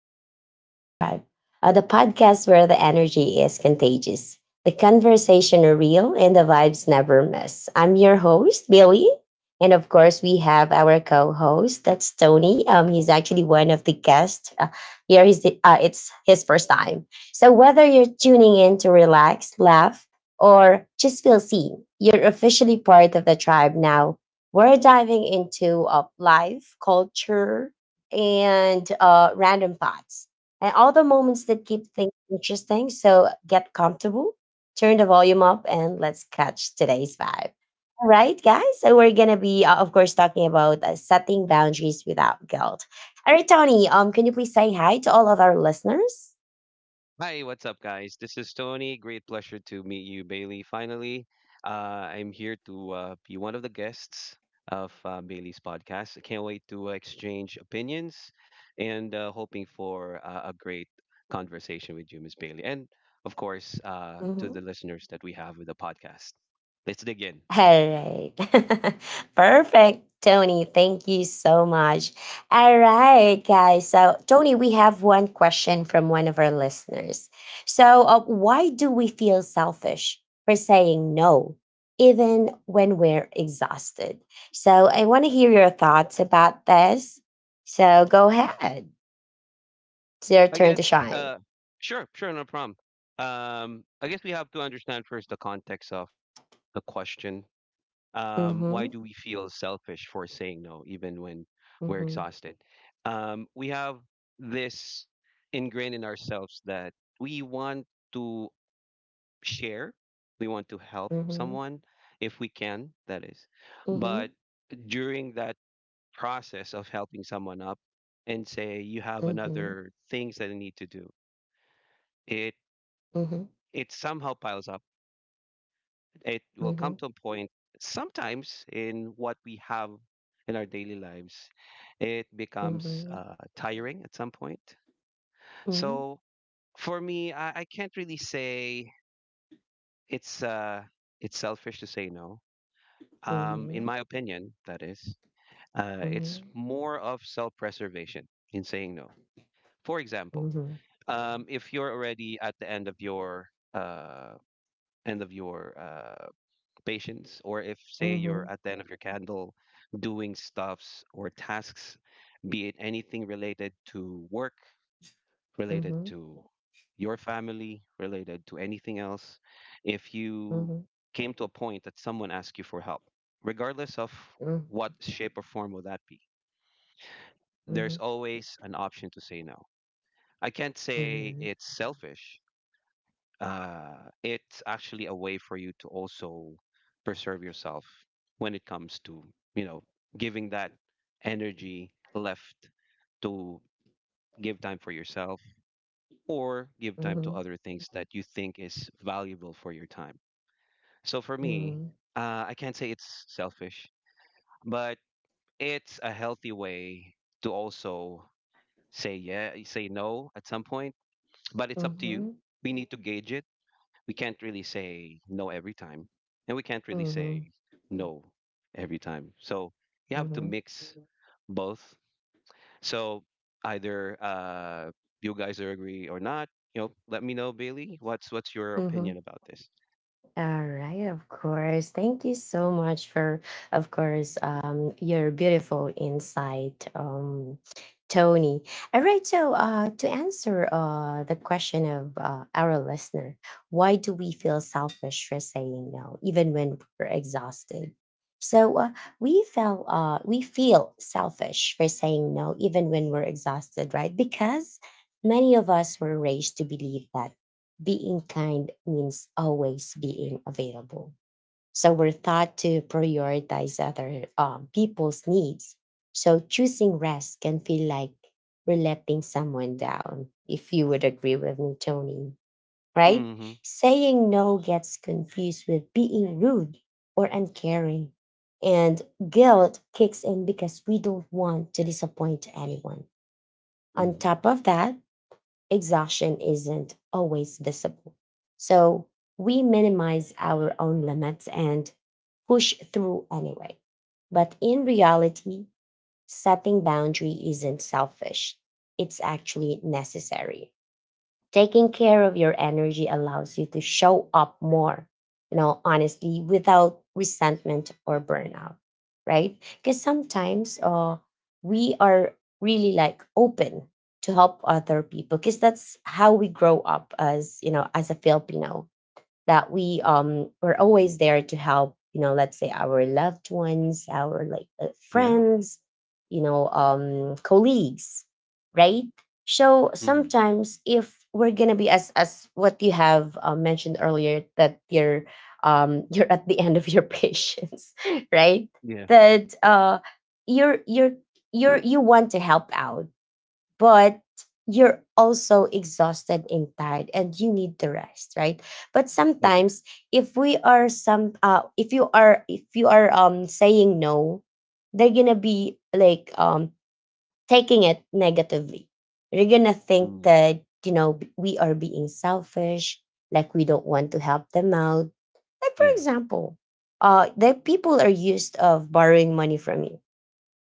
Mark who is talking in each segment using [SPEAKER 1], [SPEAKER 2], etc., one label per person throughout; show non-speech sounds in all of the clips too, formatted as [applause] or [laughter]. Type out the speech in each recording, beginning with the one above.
[SPEAKER 1] Welcome to the Vibe Tribe, the podcast where the energy is contagious, the conversation are real, and the vibes never miss. I'm your host, Billy. And of course, we have our co host, that's Tony. He's actually one of the guests. Here is it's his first time. So, whether you're tuning in to relax, laugh, or just feel seen, you're officially part of the tribe now. We're diving into life, culture, and random thoughts and all the moments that keep things interesting. So get comfortable, turn the volume up, and let's catch today's vibe. All right, guys. So we're gonna be, of course, talking about setting boundaries without guilt. All right, Tony. Can you please say hi to all of our listeners?
[SPEAKER 2] Hi, what's up, guys? This is Tony. Great pleasure to meet you, Bailey. Finally, I'm here to be one of the guests of Bailey's podcast. I can't wait to exchange opinions and hoping for a great conversation with you, Miss Bailey. And of course, to
[SPEAKER 1] Hmm.
[SPEAKER 2] the listeners that we have with the podcast. Let's dig in.
[SPEAKER 1] All right. [laughs] Perfect, Tony. Thank you so much. All right, guys. So, Tony, we have one question from one of our listeners. So, why do we feel selfish for saying no, even when we're exhausted? So, I want to hear your thoughts about this. So, go ahead. It's your
[SPEAKER 2] I
[SPEAKER 1] turn
[SPEAKER 2] guess,
[SPEAKER 1] to shine.
[SPEAKER 2] uh, sure, sure, no problem. I guess we have to understand first the context of the question, why
[SPEAKER 1] Mm-hmm.
[SPEAKER 2] do we feel selfish for saying no, even when we're
[SPEAKER 1] Mm-hmm.
[SPEAKER 2] exhausted? We have this ingrained in ourselves that we want to share, we want to help
[SPEAKER 1] Mm-hmm.
[SPEAKER 2] someone if we can, that is.
[SPEAKER 1] Mm-hmm.
[SPEAKER 2] But during that process of helping someone up and say you have
[SPEAKER 1] Mm-hmm.
[SPEAKER 2] another things that I need to do, it
[SPEAKER 1] Mm-hmm.
[SPEAKER 2] it somehow piles up. It will
[SPEAKER 1] Mm-hmm.
[SPEAKER 2] come to a point sometimes in what we have in our daily lives. It becomes
[SPEAKER 1] Mm-hmm.
[SPEAKER 2] tiring at some point.
[SPEAKER 1] Mm-hmm.
[SPEAKER 2] So for me, I can't really say it's uh, it's selfish to say no. In
[SPEAKER 1] Mhm,
[SPEAKER 2] my opinion, that is, it's
[SPEAKER 1] mhm,
[SPEAKER 2] more of self-preservation in saying no. For example,
[SPEAKER 1] mhm,
[SPEAKER 2] if you're already at the end of your patience, or if, say, you're
[SPEAKER 1] mhm,
[SPEAKER 2] at the end of your candle doing stuffs or tasks, be it anything related to work,
[SPEAKER 1] mhm,
[SPEAKER 2] related
[SPEAKER 1] mhm,
[SPEAKER 2] to your family, related to anything else, if you
[SPEAKER 1] mhm,
[SPEAKER 2] came to a point that someone asked you for help, regardless of what shape or form will that be,
[SPEAKER 1] mhm,
[SPEAKER 2] there's
[SPEAKER 1] mhm,
[SPEAKER 2] always an option to say no. I can't say
[SPEAKER 1] mhm,
[SPEAKER 2] it's selfish. Uh, it's actually a way for you to also preserve yourself when it comes to, you know giving that energy left to give time for yourself or give time to other things that you think is valuable for your time. So for me,
[SPEAKER 1] mhm,
[SPEAKER 2] I can't say it's selfish, but it's a healthy way to also say, yeah, say no at some point, but it's up to you.
[SPEAKER 1] mhm,
[SPEAKER 2] We need to gauge it. We can't really say no every time, and we can't really say no every time. So you have to
[SPEAKER 1] mhm,
[SPEAKER 2] mix both. So either, you guys are agree or not, let me know, Bailey. What's your
[SPEAKER 1] mhm,
[SPEAKER 2] opinion
[SPEAKER 1] mhm.
[SPEAKER 2] about this?
[SPEAKER 1] All right, of course. Thank you so much for, of course, your beautiful insight, Tony. All right, so to answer the question of our listener, why do we feel selfish for saying no, even when we're exhausted? So we feel selfish for saying no, even when we're exhausted, right? Because many of us were raised to believe that being kind means always being available. So we're taught to prioritize other people's needs. So choosing rest can feel like we're letting someone down, if you would agree with me, Tony, right?
[SPEAKER 2] Mm-hmm.
[SPEAKER 1] Saying no gets confused with being rude or uncaring. And guilt kicks in because we don't want to disappoint anyone. On
[SPEAKER 2] Mm-hmm.
[SPEAKER 1] top of that, exhaustion isn't always visible. So we minimize our own limits and push through anyway. But in reality, setting boundary isn't selfish. It's actually necessary. Taking care of your energy allows you to show up more, you know, honestly, without resentment or burnout, right? Because sometimes we are really like open to help other people, because that's how we grow up, as you know, as a Filipino, that we, we're
[SPEAKER 2] Hmm.
[SPEAKER 1] always there to help, you know, let's say our loved ones, our like
[SPEAKER 2] Yeah.
[SPEAKER 1] friends, you know, colleagues, right? So
[SPEAKER 2] Mm-hmm.
[SPEAKER 1] sometimes, if we're gonna be as what you have mentioned earlier, that you're [laughs] you're at the end of your [laughs] patience, right?
[SPEAKER 2] Yeah.
[SPEAKER 1] That you're you're you want to help out, but you're also exhausted and tired and you need the rest, right? But
[SPEAKER 2] I agree.
[SPEAKER 1] sometimes, if we are some, if you are saying no, they're gonna be like, taking it negatively. They're gonna think
[SPEAKER 2] Mm.
[SPEAKER 1] that, you know, we are being selfish, like we don't want to help them out. Like for
[SPEAKER 2] Yeah.
[SPEAKER 1] example, the people are used of borrowing money from you,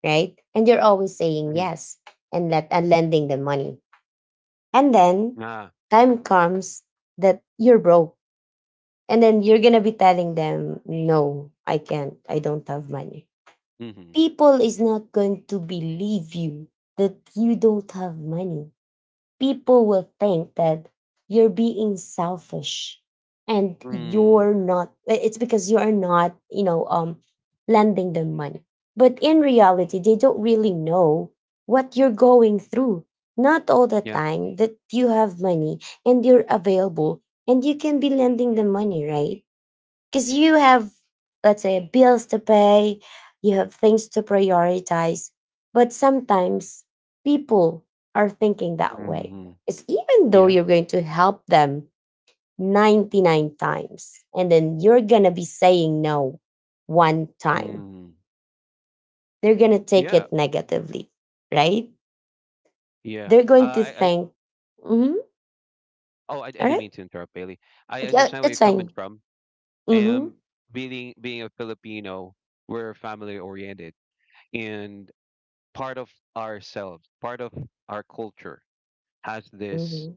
[SPEAKER 1] right? And you're always saying
[SPEAKER 2] Mm-hmm.
[SPEAKER 1] yes, and lending them money, and then
[SPEAKER 2] Ah.
[SPEAKER 1] time comes that you're broke. And then you're going to be telling them, no, I can't. I don't have money.
[SPEAKER 2] Mm-hmm.
[SPEAKER 1] People is not going to believe you that you don't have money. People will think that you're being selfish, and
[SPEAKER 2] Mm.
[SPEAKER 1] you're not. It's because you're not, you know, lending them money. But in reality, they don't really know what you're going through. Not all the
[SPEAKER 2] Yeah.
[SPEAKER 1] time that you have money and you're available and you can be lending them money, right? Because you have, let's say, bills to pay, you have things to prioritize. But sometimes people are thinking that way.
[SPEAKER 2] Mm-hmm.
[SPEAKER 1] It's even though
[SPEAKER 2] Yeah.
[SPEAKER 1] you're going to help them 99 times and then you're going to be saying no one time,
[SPEAKER 2] Mm.
[SPEAKER 1] they're going to take
[SPEAKER 2] Yeah.
[SPEAKER 1] it negatively, right?
[SPEAKER 2] Yeah.
[SPEAKER 1] They're going to
[SPEAKER 2] I
[SPEAKER 1] think. Mm-hmm.
[SPEAKER 2] Oh, I
[SPEAKER 1] All
[SPEAKER 2] didn't
[SPEAKER 1] right.
[SPEAKER 2] mean to interrupt, Bailey. I
[SPEAKER 1] Yeah,
[SPEAKER 2] understand where you're
[SPEAKER 1] it's
[SPEAKER 2] coming
[SPEAKER 1] fine.
[SPEAKER 2] from.
[SPEAKER 1] Mm-hmm.
[SPEAKER 2] And being a Filipino, we're family oriented, and part of ourselves, part of our culture, has this
[SPEAKER 1] Mm-hmm.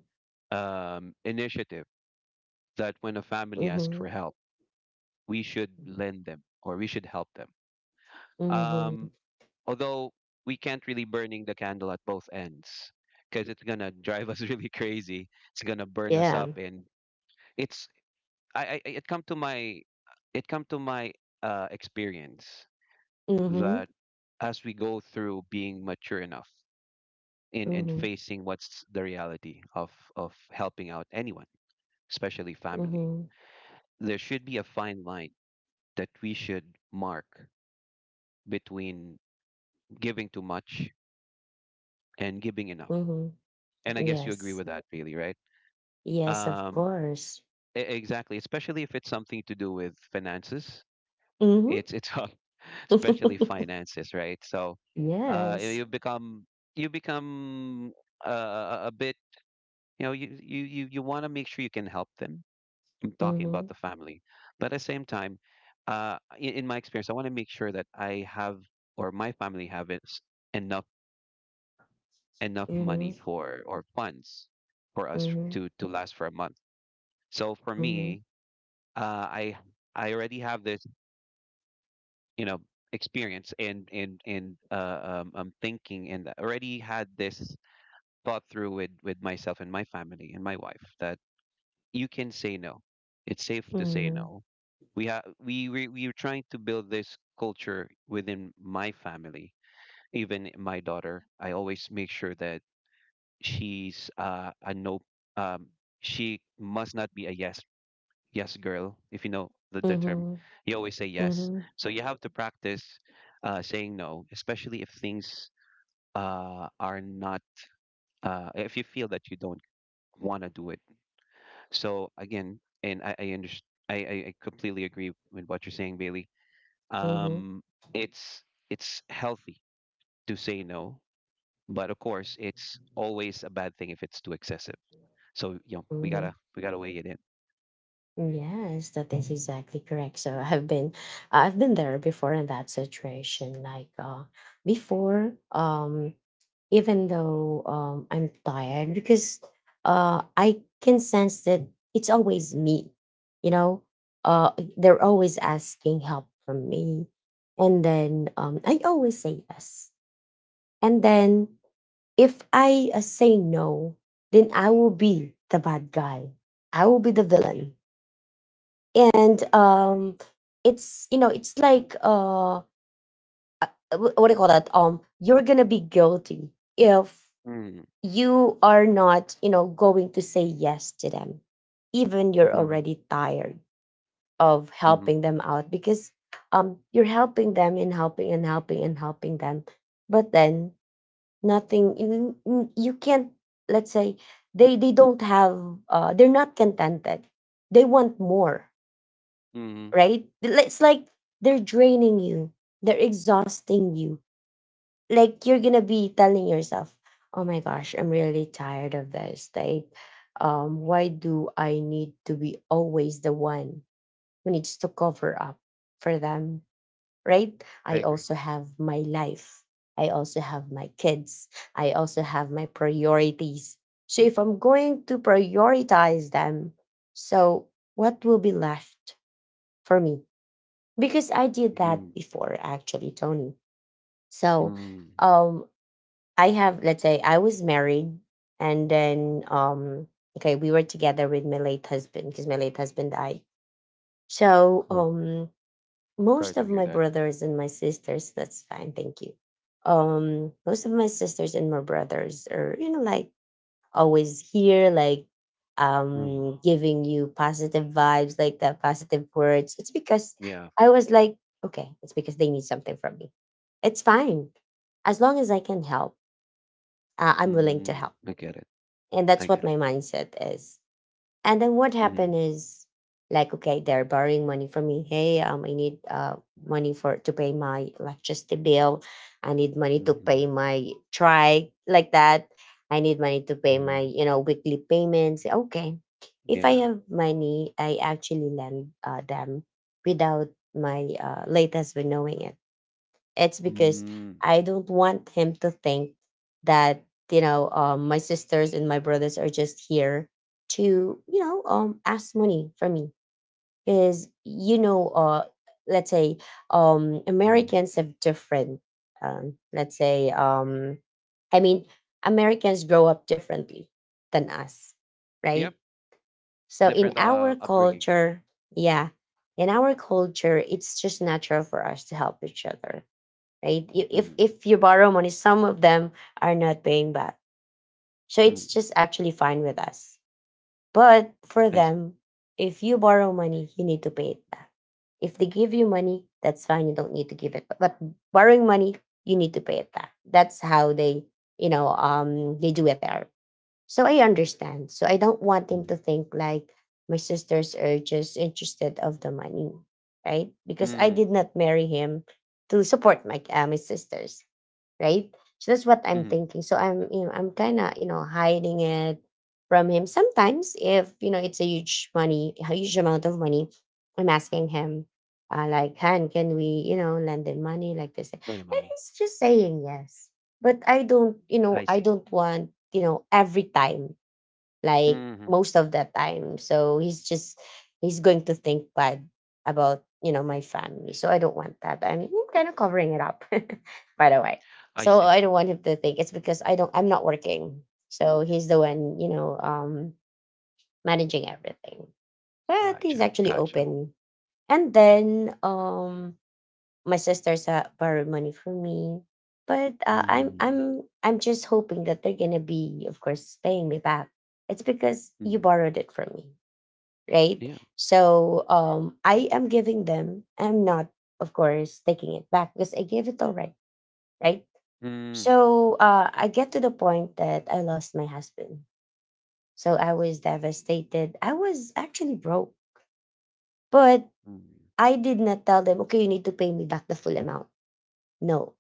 [SPEAKER 2] initiative that when a family asks
[SPEAKER 1] Mm-hmm.
[SPEAKER 2] for help, we should lend them or we should help them.
[SPEAKER 1] Mm-hmm.
[SPEAKER 2] Um, although we can't really burning the candle at both ends because it's gonna drive us [laughs] really crazy. It's gonna burn us up,
[SPEAKER 1] Yeah.
[SPEAKER 2] and it's I- it come to my experience
[SPEAKER 1] Mm-hmm.
[SPEAKER 2] that as we go through being mature enough in
[SPEAKER 1] Mm-hmm.
[SPEAKER 2] facing what's the reality of helping out anyone, especially family,
[SPEAKER 1] Mm-hmm.
[SPEAKER 2] there should be a fine line that we should mark between giving too much and giving enough.
[SPEAKER 1] Mm-hmm.
[SPEAKER 2] And I guess you agree
[SPEAKER 1] Yes.
[SPEAKER 2] with that, Bailey, right?
[SPEAKER 1] Yes, of
[SPEAKER 2] Um,
[SPEAKER 1] course.
[SPEAKER 2] exactly, especially if it's something to do with finances.
[SPEAKER 1] Mm-hmm.
[SPEAKER 2] It's [laughs] tough, especially
[SPEAKER 1] [laughs]
[SPEAKER 2] finances, right? So, you
[SPEAKER 1] Yes.
[SPEAKER 2] you become a bit, you want to make sure you can help them. I'm talking
[SPEAKER 1] Mm-hmm.
[SPEAKER 2] about the family, but at the same time, in my experience, I want to make sure that I have or my family have it, enough enough money
[SPEAKER 1] Mm-hmm.
[SPEAKER 2] for or funds for us
[SPEAKER 1] Mm-hmm.
[SPEAKER 2] to last for a month. So for
[SPEAKER 1] Mm-hmm.
[SPEAKER 2] me, uh, I I already have this you know experience and thinking, and already had this thought through with myself and my family and my wife that you can say no, it's safe to say
[SPEAKER 1] Mm-hmm.
[SPEAKER 2] no. We have we, we we are trying to build this culture within my family. Even my daughter, I always make sure that she's a no. Um she must not be a yes girl, if you know the term.
[SPEAKER 1] Mm-hmm.
[SPEAKER 2] You always say yes.
[SPEAKER 1] Mm-hmm.
[SPEAKER 2] So you have to practice saying no, especially if things are not, if you feel that you don't want to do it. So again, and I understand, I completely agree with what you're saying, Bailey.
[SPEAKER 1] Mm-hmm.
[SPEAKER 2] Um, it's healthy to say no, but of course, it's always a bad thing if it's too excessive. So, we
[SPEAKER 1] Mm-hmm.
[SPEAKER 2] gotta we gotta weigh it in.
[SPEAKER 1] Yes, that is exactly correct. So I've been there before in that situation. Like before, even though I'm tired, because I can sense that it's always me, you know? Uh they're always asking help from me. And then I always say yes. And then if I say no, then I will be the bad guy. I will be the villain. And it's, you know, it's like uh, what do you call that, you're gonna be guilty if
[SPEAKER 2] Mm,
[SPEAKER 1] you are not, you know, going to say yes to them, even you're
[SPEAKER 2] mm,
[SPEAKER 1] already tired of
[SPEAKER 2] mm,
[SPEAKER 1] helping them out, because you're helping them and helping and helping and helping them. But then, nothing. You you can't, let's say, they don't have, they're not contented. They want more,
[SPEAKER 2] mm.
[SPEAKER 1] right? It's like they're draining you, they're exhausting you. Like you're gonna be telling yourself, "Oh my gosh, I'm really tired of this." Like, why do I need to be always the one who needs to cover up for them, right?
[SPEAKER 2] I
[SPEAKER 1] I
[SPEAKER 2] agree.
[SPEAKER 1] also have my life. I also have my kids. I also have my priorities. So if I'm going to prioritize them, so what will be left for me? Because I did that
[SPEAKER 2] Mm.
[SPEAKER 1] before actually, Tony. So
[SPEAKER 2] Mm.
[SPEAKER 1] um I have, let's say I was married, and then okay, we were together with my late husband, because my late husband died. So
[SPEAKER 2] Yeah.
[SPEAKER 1] most
[SPEAKER 2] Sorry
[SPEAKER 1] of
[SPEAKER 2] to hear
[SPEAKER 1] my
[SPEAKER 2] that.
[SPEAKER 1] brothers and my sisters, that's fine, thank you. Most of my sisters and my brothers are, you know, like always here, like
[SPEAKER 2] Mm.
[SPEAKER 1] giving you positive vibes, like that positive words. It's because
[SPEAKER 2] Yeah.
[SPEAKER 1] I was like, okay, it's because they need something from me. It's fine. As long as I can help, I'm willing to
[SPEAKER 2] Mm.
[SPEAKER 1] help.
[SPEAKER 2] I get it.
[SPEAKER 1] And that's
[SPEAKER 2] I
[SPEAKER 1] what
[SPEAKER 2] get
[SPEAKER 1] my
[SPEAKER 2] it.
[SPEAKER 1] mindset is. And then what happened
[SPEAKER 2] Mm.
[SPEAKER 1] is, like, okay, they're borrowing money from me. Hey, I need money for to pay my electricity bill. I need money to pay
[SPEAKER 2] Mm.
[SPEAKER 1] my try like that. I need money to pay my,
[SPEAKER 2] Mm.
[SPEAKER 1] you know, weekly payments. Okay. If I
[SPEAKER 2] Yeah.
[SPEAKER 1] have money, I actually lend them without my late husband knowing it. It's because
[SPEAKER 2] Mm.
[SPEAKER 1] I don't want him to think that, you know, my sisters and my brothers are just here to, you know, ask money from me, because, you know, let's say
[SPEAKER 2] Mm.
[SPEAKER 1] Americans have different let's say I mean Americans grow up differently than us,
[SPEAKER 2] Yep.
[SPEAKER 1] right? So in
[SPEAKER 2] Different
[SPEAKER 1] our
[SPEAKER 2] upbringing.
[SPEAKER 1] culture, yeah, in our culture, it's just natural for us to help each other, right? If
[SPEAKER 2] Mm.
[SPEAKER 1] if you borrow money, some of them are not paying back, so it's
[SPEAKER 2] Mm.
[SPEAKER 1] just actually fine with us. But for
[SPEAKER 2] I see.
[SPEAKER 1] them, if you borrow money, you need to pay it back. If they give you money, that's fine. You don't need to give it, but borrowing money, you need to pay it back. That's how they, you know, they do it there. So I understand. So I don't want him to
[SPEAKER 2] Mm.
[SPEAKER 1] think like my sisters are just interested of the money, right? Because I
[SPEAKER 2] Mm.
[SPEAKER 1] did not marry him to support my my sisters, right? So that's what I'm
[SPEAKER 2] Mm.
[SPEAKER 1] thinking. So I'm, you know, I'm kind of, you know, hiding it from him. Sometimes, if you know, it's a huge money, a huge amount of money, I'm asking him, like, Han, can we, you know, lend him money like this? And
[SPEAKER 2] Right, Amani.
[SPEAKER 1] he's just saying yes. But I don't, you know,
[SPEAKER 2] I
[SPEAKER 1] I
[SPEAKER 2] see.
[SPEAKER 1] don't want, you know, every time like
[SPEAKER 2] Mm.
[SPEAKER 1] most of the time. So he's going to think bad about, you know, my family. So I don't want that. I mean, I'm kind of covering it up, [laughs] by the way.
[SPEAKER 2] I
[SPEAKER 1] So
[SPEAKER 2] see.
[SPEAKER 1] I don't want him to think. It's because I don't. I'm not working. So he's the one, you know, managing everything. But he's
[SPEAKER 2] Gotcha.
[SPEAKER 1] actually
[SPEAKER 2] Gotcha.
[SPEAKER 1] open. And then my sisters borrowed money from me, but uh, i'm
[SPEAKER 2] Mm.
[SPEAKER 1] i'm i'm just hoping that they're gonna be, of course, paying me back. It's because you
[SPEAKER 2] Mm.
[SPEAKER 1] borrowed it from me, right?
[SPEAKER 2] Yeah.
[SPEAKER 1] So I am giving them. I'm not, of course, taking it back, because I gave it already, right?
[SPEAKER 2] Mm.
[SPEAKER 1] So I get to the point that I lost my husband. So I was devastated, I was actually broke. But
[SPEAKER 2] Mm.
[SPEAKER 1] I did not tell them, okay, you need to pay me back the full amount, no.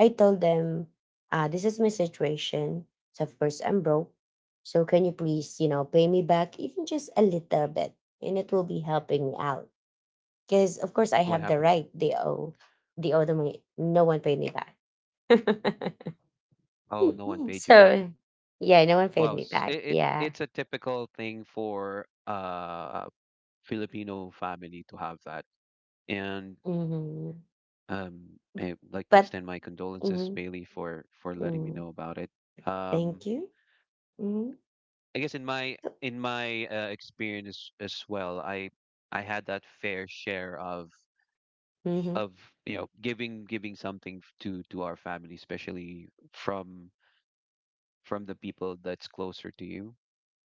[SPEAKER 1] I told them, this is my situation. So of course I'm broke. So can you please, pay me back even just a little bit, and it will be helping me out. Because of course I
[SPEAKER 2] What
[SPEAKER 1] have the
[SPEAKER 2] happened
[SPEAKER 1] right.
[SPEAKER 2] then?
[SPEAKER 1] They owe the money. No one paid me back. [laughs]
[SPEAKER 2] Oh, no one paid you back.
[SPEAKER 1] so yeah, no one paid
[SPEAKER 2] Wow,
[SPEAKER 1] me back.
[SPEAKER 2] it, it
[SPEAKER 1] Yeah.
[SPEAKER 2] it's a typical thing for Filipino family to have that. And
[SPEAKER 1] Hmm.
[SPEAKER 2] I'd like to
[SPEAKER 1] But
[SPEAKER 2] extend my condolences,
[SPEAKER 1] mhm,
[SPEAKER 2] Bailey, for letting me
[SPEAKER 1] mm,
[SPEAKER 2] know about it. Um,
[SPEAKER 1] thank you. Hmm.
[SPEAKER 2] I guess in my experience as well, I had that fair share of
[SPEAKER 1] Hmm.
[SPEAKER 2] of giving something to our family, especially from the people that's closer to you.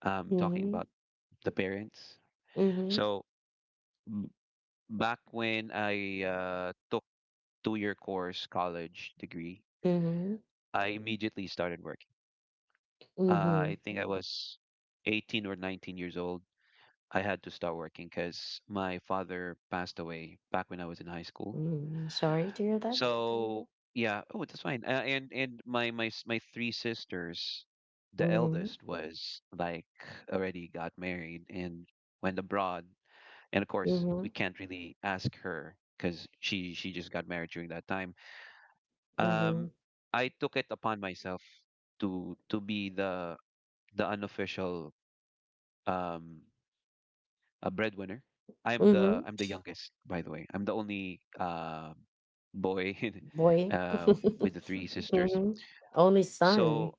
[SPEAKER 2] Talking
[SPEAKER 1] Hmm.
[SPEAKER 2] about the parents.
[SPEAKER 1] Hmm.
[SPEAKER 2] So m- back when I took 2-year course college degree,
[SPEAKER 1] Hmm.
[SPEAKER 2] I immediately started working.
[SPEAKER 1] Hmm.
[SPEAKER 2] I think I was 18 or 19 years old. I had to start working because my father passed away back when I was in high school. Oh.
[SPEAKER 1] Hmm. Sorry to hear that.
[SPEAKER 2] Oh, yeah, oh, that's fine. And my my three sisters, the
[SPEAKER 1] Hmm.
[SPEAKER 2] eldest was like already got married and went abroad. And of course, we
[SPEAKER 1] Mhm,
[SPEAKER 2] can't really ask her because she just got married during that time.
[SPEAKER 1] mhm,
[SPEAKER 2] Um, I took it upon myself to be the unofficial um a breadwinner. I'm the
[SPEAKER 1] mhm,
[SPEAKER 2] I'm the youngest, by the way. I'm the only boy [laughs]
[SPEAKER 1] boy.
[SPEAKER 2] uh with
[SPEAKER 1] [laughs]
[SPEAKER 2] the three sisters.
[SPEAKER 1] Mhm, only son.
[SPEAKER 2] So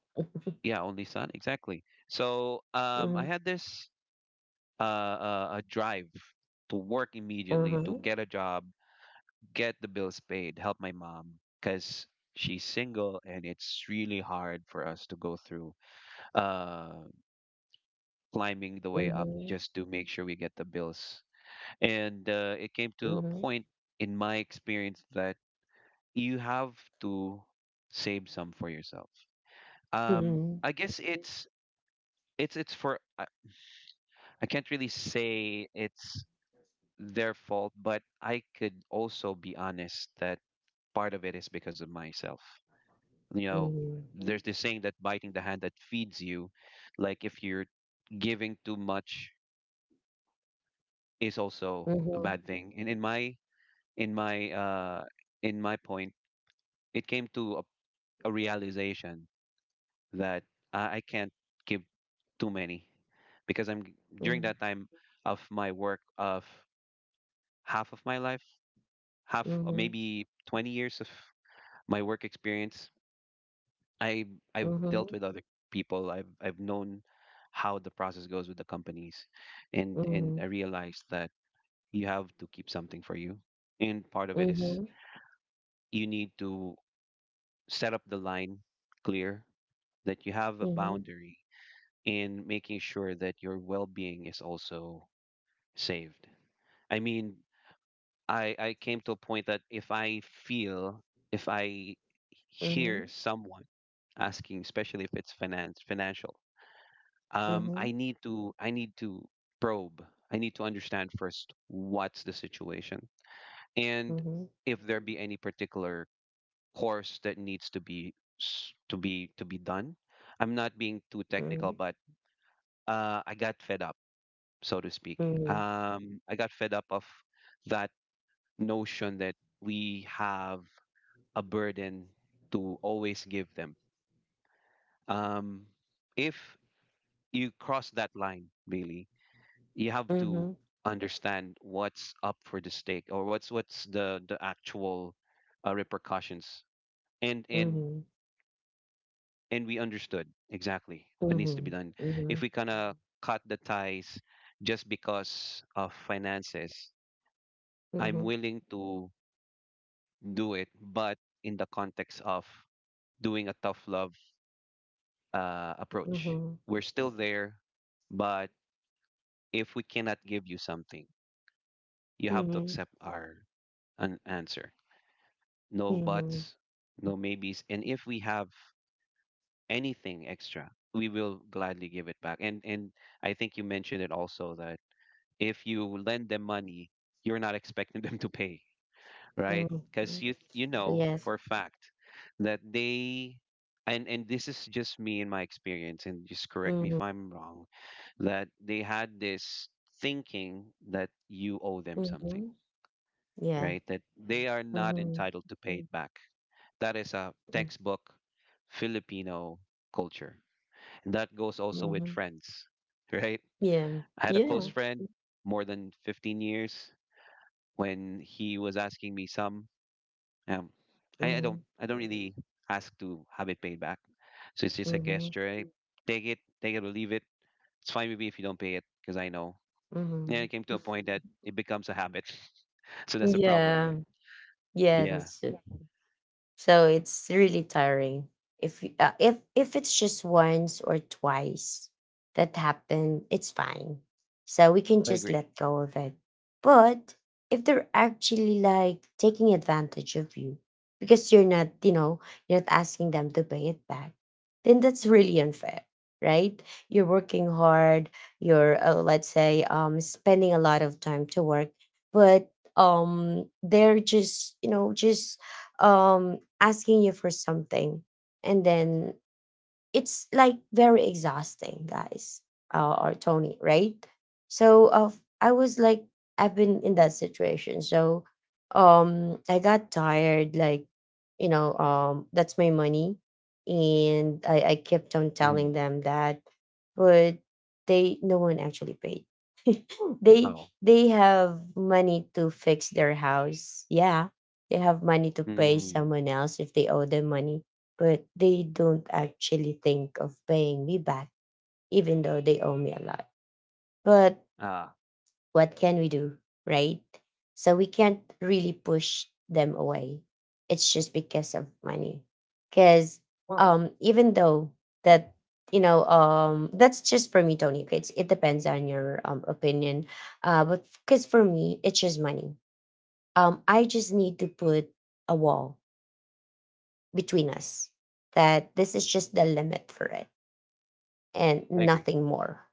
[SPEAKER 2] yeah, only son, exactly. So I
[SPEAKER 1] Mhm,
[SPEAKER 2] had this a drive to work immediately, to
[SPEAKER 1] uh-huh,
[SPEAKER 2] get a job, get the bills paid, help my mom because she's single and it's really hard for us to go through uh climbing the way up
[SPEAKER 1] mhm,
[SPEAKER 2] just to make sure we get the bills. And it came to a
[SPEAKER 1] mhm,
[SPEAKER 2] point in my experience that you have to save some for yourself.
[SPEAKER 1] mhm,
[SPEAKER 2] I guess it's for I can't really say it's their fault, but I could also be honest that part of it is because of myself. You know,
[SPEAKER 1] mhm,
[SPEAKER 2] there's this saying that biting the hand that feeds you, like if you're giving too much is also a
[SPEAKER 1] mhm,
[SPEAKER 2] bad thing. And in my uh in my point, it came to a realization that I can't give too many because during
[SPEAKER 1] mhm,
[SPEAKER 2] that time of my work of half of my life, half or maybe 20 years of my work experience, I I've
[SPEAKER 1] mhm,
[SPEAKER 2] dealt
[SPEAKER 1] mhm,
[SPEAKER 2] with other people. I've known how the process goes with the companies, and I realized that you have to keep something for you, and part of it
[SPEAKER 1] mhm,
[SPEAKER 2] is
[SPEAKER 1] mhm,
[SPEAKER 2] you need to set up the line clear that you have a
[SPEAKER 1] mhm, mhm,
[SPEAKER 2] boundary in making sure that your well-being is also saved. I mean, I came to a point that if I hear someone asking, especially if it's finance financial, I
[SPEAKER 1] mhm,
[SPEAKER 2] need to I need to probe. I need to understand first what's the situation, and
[SPEAKER 1] mhm,
[SPEAKER 2] if there be any particular course that needs to be s- to be done. I'm not being too technical, but I got fed up, so to speak. I got fed up of that notion that we have a burden to always give them. Um, if you cross that line, really, you have
[SPEAKER 1] mhm, mhm, mhm,
[SPEAKER 2] to
[SPEAKER 1] mhm,
[SPEAKER 2] understand what's up for the stake or what's the actual repercussions. And
[SPEAKER 1] mhm,
[SPEAKER 2] and
[SPEAKER 1] mhm,
[SPEAKER 2] and we understood exactly what needs to be
[SPEAKER 1] mhm,
[SPEAKER 2] done. If we kind of cut the ties just because of finances, I'm willing to do it, but in the context of doing a tough love approach.
[SPEAKER 1] mhm,
[SPEAKER 2] We're still there, but if we cannot give you something, you have to accept our an answer. No
[SPEAKER 1] mhm, mhm,
[SPEAKER 2] buts, no maybes, and if we have anything extra, we will gladly give it back. And I think you mentioned it also that if you lend them money, you're not expecting [laughs] them to pay. Right? Because
[SPEAKER 1] mhm.
[SPEAKER 2] you know
[SPEAKER 1] Yes.
[SPEAKER 2] for a fact that they and this is just me in my experience, and just correct me
[SPEAKER 1] Mhm.
[SPEAKER 2] if I'm wrong, that they had this thinking that you owe them something,
[SPEAKER 1] Mhm. Yeah.
[SPEAKER 2] right? That they are not
[SPEAKER 1] Mhm.
[SPEAKER 2] entitled to pay it back. That is a
[SPEAKER 1] Mm,
[SPEAKER 2] textbook Filipino culture. And that goes also with
[SPEAKER 1] mhm.
[SPEAKER 2] friends, [laughs] right?
[SPEAKER 1] Yeah.
[SPEAKER 2] I had a close
[SPEAKER 1] Yeah.
[SPEAKER 2] friend more than 15 years when he was asking me some. Um, I don't
[SPEAKER 1] Mhm.
[SPEAKER 2] I don't really ask to have it paid back. So it's just a
[SPEAKER 1] Mhm.
[SPEAKER 2] gesture. I take it or leave it. It's fine with me if you don't pay it because I know. Yeah,
[SPEAKER 1] Mhm.
[SPEAKER 2] it came to a point that it becomes a habit. [laughs] So that's a problem,
[SPEAKER 1] Yeah.
[SPEAKER 2] right?
[SPEAKER 1] Yeah,
[SPEAKER 2] Yeah,
[SPEAKER 1] that's So it's really tiring. If y- if if it's just once or twice that happened, it's fine. So we can
[SPEAKER 2] I
[SPEAKER 1] just
[SPEAKER 2] agree.
[SPEAKER 1] let go of it. But if they're actually like taking advantage of you because you're not, you're not asking them to pay it back, then that's really unfair, right? You're working hard. You're let's say spending a lot of time to work, but they're just just um asking you for something, and then it's like very exhausting, guys, or Tony, right? So I was like, I've been in that situation. So I got tired, like, that's my money, and I kept on telling
[SPEAKER 2] Mm.
[SPEAKER 1] them that. But they no one actually paid. they
[SPEAKER 2] Oh.
[SPEAKER 1] they have money to fix their house. Yeah, they have money to pay
[SPEAKER 2] Mm.
[SPEAKER 1] someone else if they owe them money, but they don't actually think of paying me back, even though they owe me a lot. But
[SPEAKER 2] Ah,
[SPEAKER 1] what can we do, right? So we can't really push them away. It's just because of money. Because even though that, that's just for me, Tony. Okay, it depends on your opinion. But because for me, it's just money. Um, I just need to put a wall between us, that this is just the limit for it, and
[SPEAKER 2] I agree.
[SPEAKER 1] nothing more.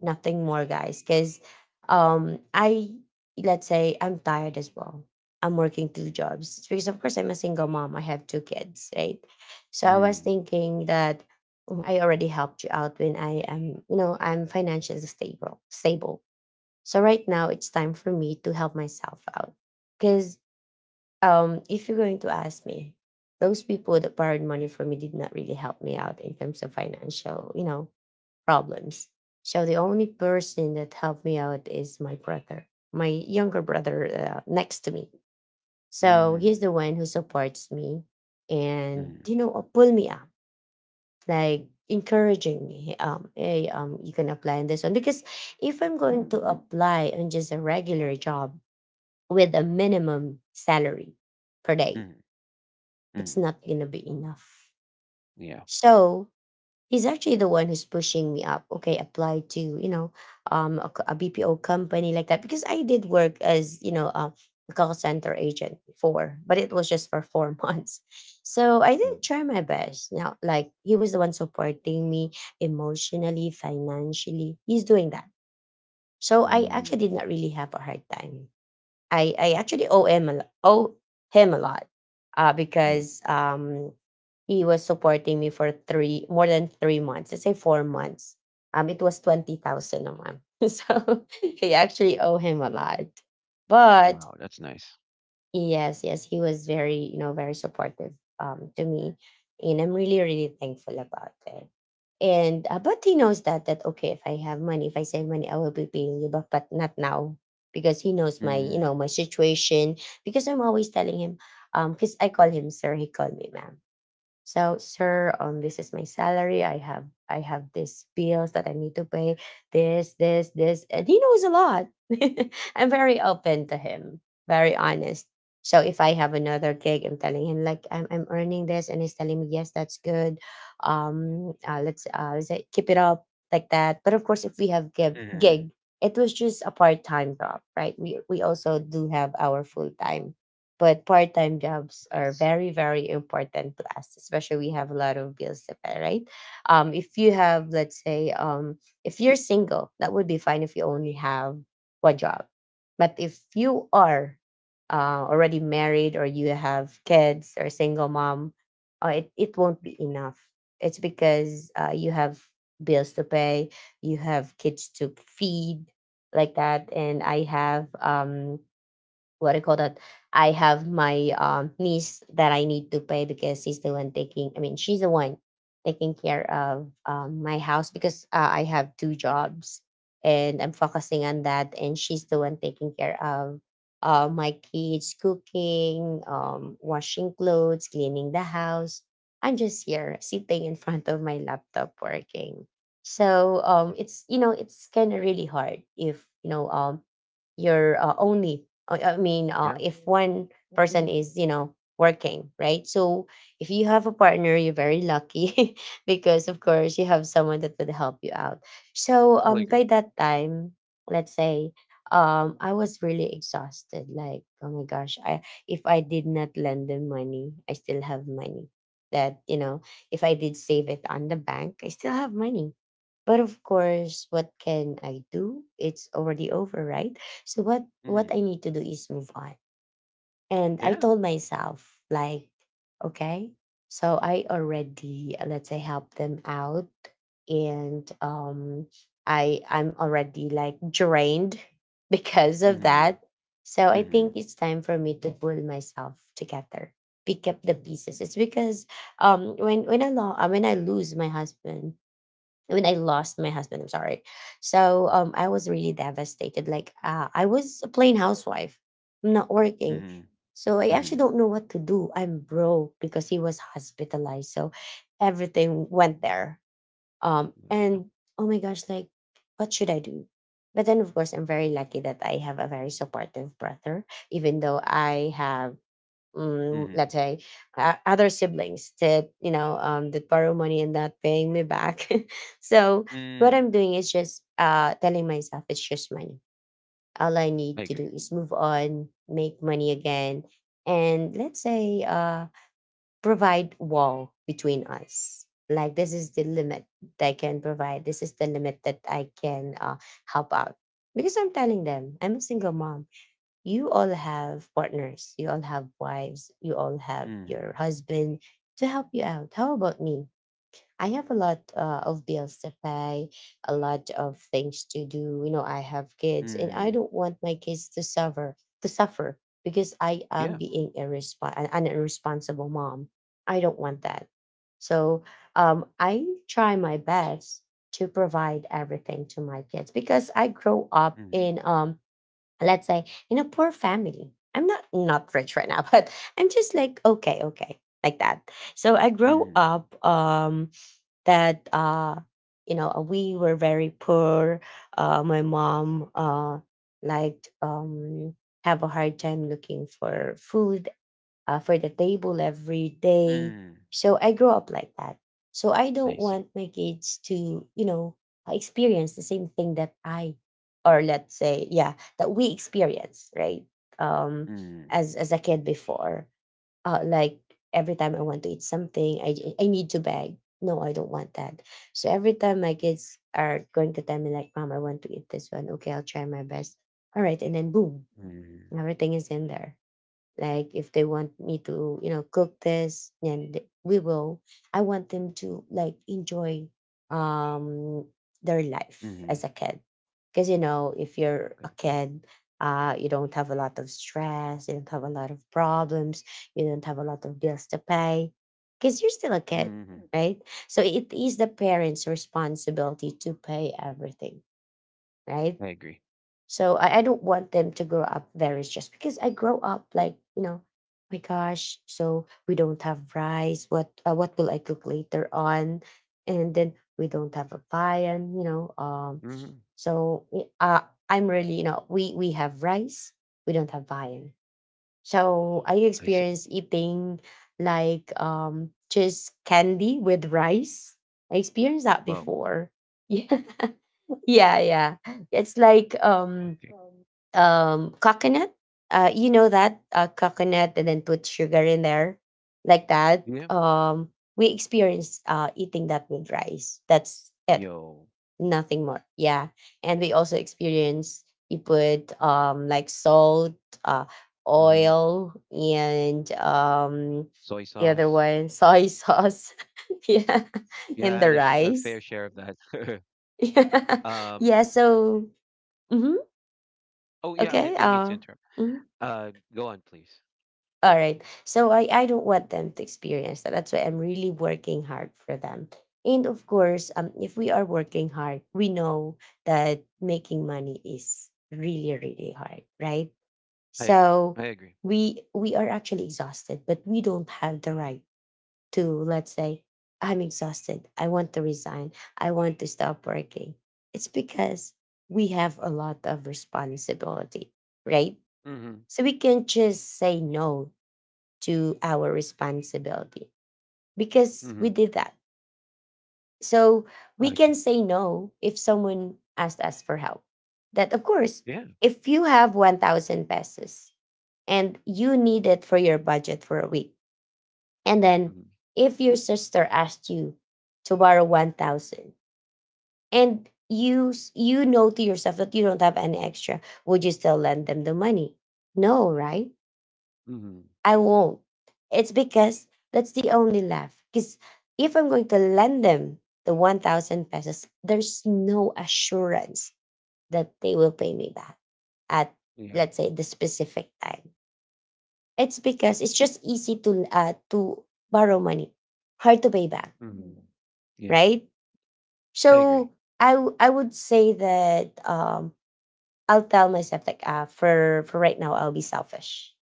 [SPEAKER 1] Nothing more, guys, because I let's say I'm tired as well. I'm working 2 jobs. It's because of course I'm a single mom, I have 2 kids, right? So I was
[SPEAKER 2] Mm.
[SPEAKER 1] thinking that, mm, I already helped you out when I am, I'm financially stable. So right now it's time for me to help myself out. Because if you're going to ask me, those people that borrowed money from me did not really help me out in terms of financial, you know, problems. So the only person that helped me out is my brother, my younger brother next to me. So
[SPEAKER 2] Mm.
[SPEAKER 1] he's the one who supports me and,
[SPEAKER 2] Mm.
[SPEAKER 1] pull me up, like encouraging me. Hey, you can apply on this one, because if I'm going to apply on just a regular job with a minimum salary per day,
[SPEAKER 2] Mm.
[SPEAKER 1] it's
[SPEAKER 2] Mm.
[SPEAKER 1] not gonna be enough.
[SPEAKER 2] Yeah.
[SPEAKER 1] So he's actually the one who's pushing me up. Okay, apply to, a, a BPO company, like that, because I did work as, a call center agent before, but it was just for four [laughs] months. So I did
[SPEAKER 2] Mm.
[SPEAKER 1] try my best. Now, like, he was the one supporting me emotionally, financially. He's doing that. So I
[SPEAKER 2] Mm.
[SPEAKER 1] actually did not really have a hard time. I actually owe owe him a lot, uh,
[SPEAKER 2] Nice.
[SPEAKER 1] because um, he was supporting me for three more than three months. Let's say 4 months. It was 20,000 a month, [laughs] so [laughs] I actually owe him a lot. But
[SPEAKER 2] Wow, that's nice.
[SPEAKER 1] yes, yes, he was very, very supportive to me, and I'm really, really thankful about it. And but he knows that okay, if I have money, if I save money, I will be paying you back, but not now, because he knows my,
[SPEAKER 2] Mm.
[SPEAKER 1] my situation. Because I'm always telling him, because I call him sir, he called me ma'am. So, sir, this is my salary. I have these bills that I need to pay. This, and he knows a lot. [laughs] I'm very open to him, very honest. So if I have another gig, I'm telling him, like, I'm earning this, and he's telling me yes, that's good. Let's say keep it up like that. But of course, if we have
[SPEAKER 2] Mm.
[SPEAKER 1] gig, it was just a part time job, right? We also do have our full time, but part time jobs are very, very important to us, especially we have a lot of bills to pay, right? If you have, let's say, if you're single, that would be fine if you only have 1 job. But if you are already married, or you have kids, or single mom, it won't be enough. It's because you have bills to pay, you have kids to feed, like that. And I have, what do you call that? I have my niece that I need to pay, because she's the one taking. I mean, she's the one taking care of, my house, because I have 2 jobs and I'm focusing on that, and she's the one taking care of my kids, cooking, washing clothes, cleaning the house. I'm just here sitting in front of my laptop working. So it's, it's kind of really hard if, you're only I mean,
[SPEAKER 2] Yeah,
[SPEAKER 1] if one person is, you know, working, right? So if you have a partner, you're very lucky [laughs] because, of course, you have someone that would help you out. So
[SPEAKER 2] I'll
[SPEAKER 1] by
[SPEAKER 2] agree.
[SPEAKER 1] that time, let's say, I was really exhausted. Like, oh my gosh, I if I did not lend them money, I still have money. That You know, if I did save it on the bank, I still have money, but of course, what can I do? It's already over, right? So what
[SPEAKER 2] Mm.
[SPEAKER 1] I need to do is move on. And I
[SPEAKER 2] Yeah.
[SPEAKER 1] told myself, like, okay, so I already let's say help them out, and I I'm already like drained [laughs] because of
[SPEAKER 2] Mm.
[SPEAKER 1] that. So I think
[SPEAKER 2] Mm.
[SPEAKER 1] it's time for me to pull myself together, pick up the pieces. It's because when I when I lose my husband, when I lost my husband, I'm sorry. So I was really devastated. Like, I was a plain housewife, I'm not working,
[SPEAKER 2] Mm.
[SPEAKER 1] so I actually
[SPEAKER 2] Mhm.
[SPEAKER 1] don't know what to do. I'm broke because he was hospitalized, so everything went there. Um,
[SPEAKER 2] Mm, yeah.
[SPEAKER 1] and oh my gosh, like, what should I do? But then, of course, I'm very lucky that I have a very supportive brother, even though I have, mm, let's
[SPEAKER 2] Mhm.
[SPEAKER 1] say other siblings that, that borrow money and not paying me back. [laughs] So what
[SPEAKER 2] Mm.
[SPEAKER 1] I'm doing is just telling myself it's just money. All I
[SPEAKER 2] I
[SPEAKER 1] need to do
[SPEAKER 2] agree.
[SPEAKER 1] is move on, make money again, and let's say provide wall between us, like, this is the limit that I can provide, this is the limit that I can help out. Because I'm telling them I'm a single mom. You all have partners, you all have wives, you all have your
[SPEAKER 2] Mhm.
[SPEAKER 1] husband to help you out. How about me? I have a lot of bills to pay, a lot of things to do. You know, I have kids, and I
[SPEAKER 2] Mhm.
[SPEAKER 1] don't want my kids to suffer. to suffer because I am
[SPEAKER 2] Yeah.
[SPEAKER 1] being an irresponsible mom. I don't want that. So I try my best to provide everything to my kids, because I grow up
[SPEAKER 2] Mhm.
[SPEAKER 1] in, let's say in a poor family. I'm not rich right now, [laughs] but I'm just like okay, like that. So I grow
[SPEAKER 2] Mhm.
[SPEAKER 1] up, that you know we were very poor. My mom liked have a hard time looking for food for the table every day.
[SPEAKER 2] Mhm.
[SPEAKER 1] So I grew up like that. So I don't
[SPEAKER 2] I see.
[SPEAKER 1] want my kids to, you know, experience the same thing that I, or let's say, yeah, that we experience, right? Um,
[SPEAKER 2] Mhm.
[SPEAKER 1] as a kid before, like every time I want to eat something, I need to beg. No, I don't want that. So every time my kids are going to tell me like, "Mom, I want to eat this one," okay, I'll try my best. All right, and then boom,
[SPEAKER 2] Mhm.
[SPEAKER 1] everything is in there like if they want me to cook this then we will. I want them to like enjoy um their life as
[SPEAKER 2] Mhm.
[SPEAKER 1] a kid. Because you know if you're a
[SPEAKER 2] Good. Yeah.
[SPEAKER 1] kid, you don't have a lot of stress, you don't have a lot of problems, you don't have a lot of bills to pay because you're still a kid,
[SPEAKER 2] Mhm.
[SPEAKER 1] right? So it is the parents responsibility to pay everything, right?
[SPEAKER 2] I agree.
[SPEAKER 1] So I don't want them to grow up very stressed because I grow up like, you know, my gosh, so we don't have rice. What will I cook later on? And then we don't have a viand, you know.
[SPEAKER 2] Hmm.
[SPEAKER 1] So y- uh, I'm really, you know, we have rice, we don't have viand. So I
[SPEAKER 2] I see.
[SPEAKER 1] experienced eating like just candy with rice. I experienced that
[SPEAKER 2] Well,
[SPEAKER 1] before. [laughs] Yeah, yeah, yeah. It's like
[SPEAKER 2] okay.
[SPEAKER 1] coconut. You know that coconut and then put sugar in there like that,
[SPEAKER 2] Yeah.
[SPEAKER 1] we experienced eating that with rice, that's it,
[SPEAKER 2] Yo.
[SPEAKER 1] nothing more, yeah. And we also experienced you put like salt, uh
[SPEAKER 2] Hmm.
[SPEAKER 1] oil, and
[SPEAKER 2] Soy
[SPEAKER 1] the other
[SPEAKER 2] sauce.
[SPEAKER 1] one soy sauce. [laughs] Yeah, in
[SPEAKER 2] Yeah, I
[SPEAKER 1] the
[SPEAKER 2] had a, sh a
[SPEAKER 1] rice.
[SPEAKER 2] fair share of that. [laughs]
[SPEAKER 1] [laughs] Yeah,
[SPEAKER 2] Um.
[SPEAKER 1] yeah, so mhm,
[SPEAKER 2] Oh, yeah. I
[SPEAKER 1] okay,
[SPEAKER 2] didn't mean to interrupt.
[SPEAKER 1] mhm.
[SPEAKER 2] Go on, please.
[SPEAKER 1] All right. So I don't want them to experience that. That's why I'm really working hard for them. And of course, if we are working hard, we know that making money is really, really hard, right?
[SPEAKER 2] I agree.
[SPEAKER 1] So
[SPEAKER 2] I agree.
[SPEAKER 1] we are actually exhausted, but we don't have the right to, let's say, I'm exhausted. I want to resign. I want to stop working. It's because we have a lot of responsibility, right?
[SPEAKER 2] Mm-hmm.
[SPEAKER 1] So we can just say no to our responsibility because
[SPEAKER 2] Mm-hmm.
[SPEAKER 1] we did that. So
[SPEAKER 2] I
[SPEAKER 1] we can
[SPEAKER 2] agree.
[SPEAKER 1] say no if someone asked us for help. That, of course,
[SPEAKER 2] Yeah.
[SPEAKER 1] if you have 1,000 pesos and you need it for your budget for a week, and then
[SPEAKER 2] Mm-hmm.
[SPEAKER 1] if your sister asked you to borrow 1,000 and you you know to yourself that you don't have any extra, would you still lend them the money? No, right?
[SPEAKER 2] Mm-hmm.
[SPEAKER 1] I won't. It's because that's the only laugh. Because if I'm going to lend them the 1,000 pesos, there's no assurance that they will pay me back at,
[SPEAKER 2] Yeah.
[SPEAKER 1] let's say, the specific time. It's because it's just easy to borrow money, hard to pay back,
[SPEAKER 2] Mhm. Yeah,
[SPEAKER 1] right?
[SPEAKER 2] I agree.
[SPEAKER 1] So I would say that I'll tell myself, like, ah for right now, I'll be selfish.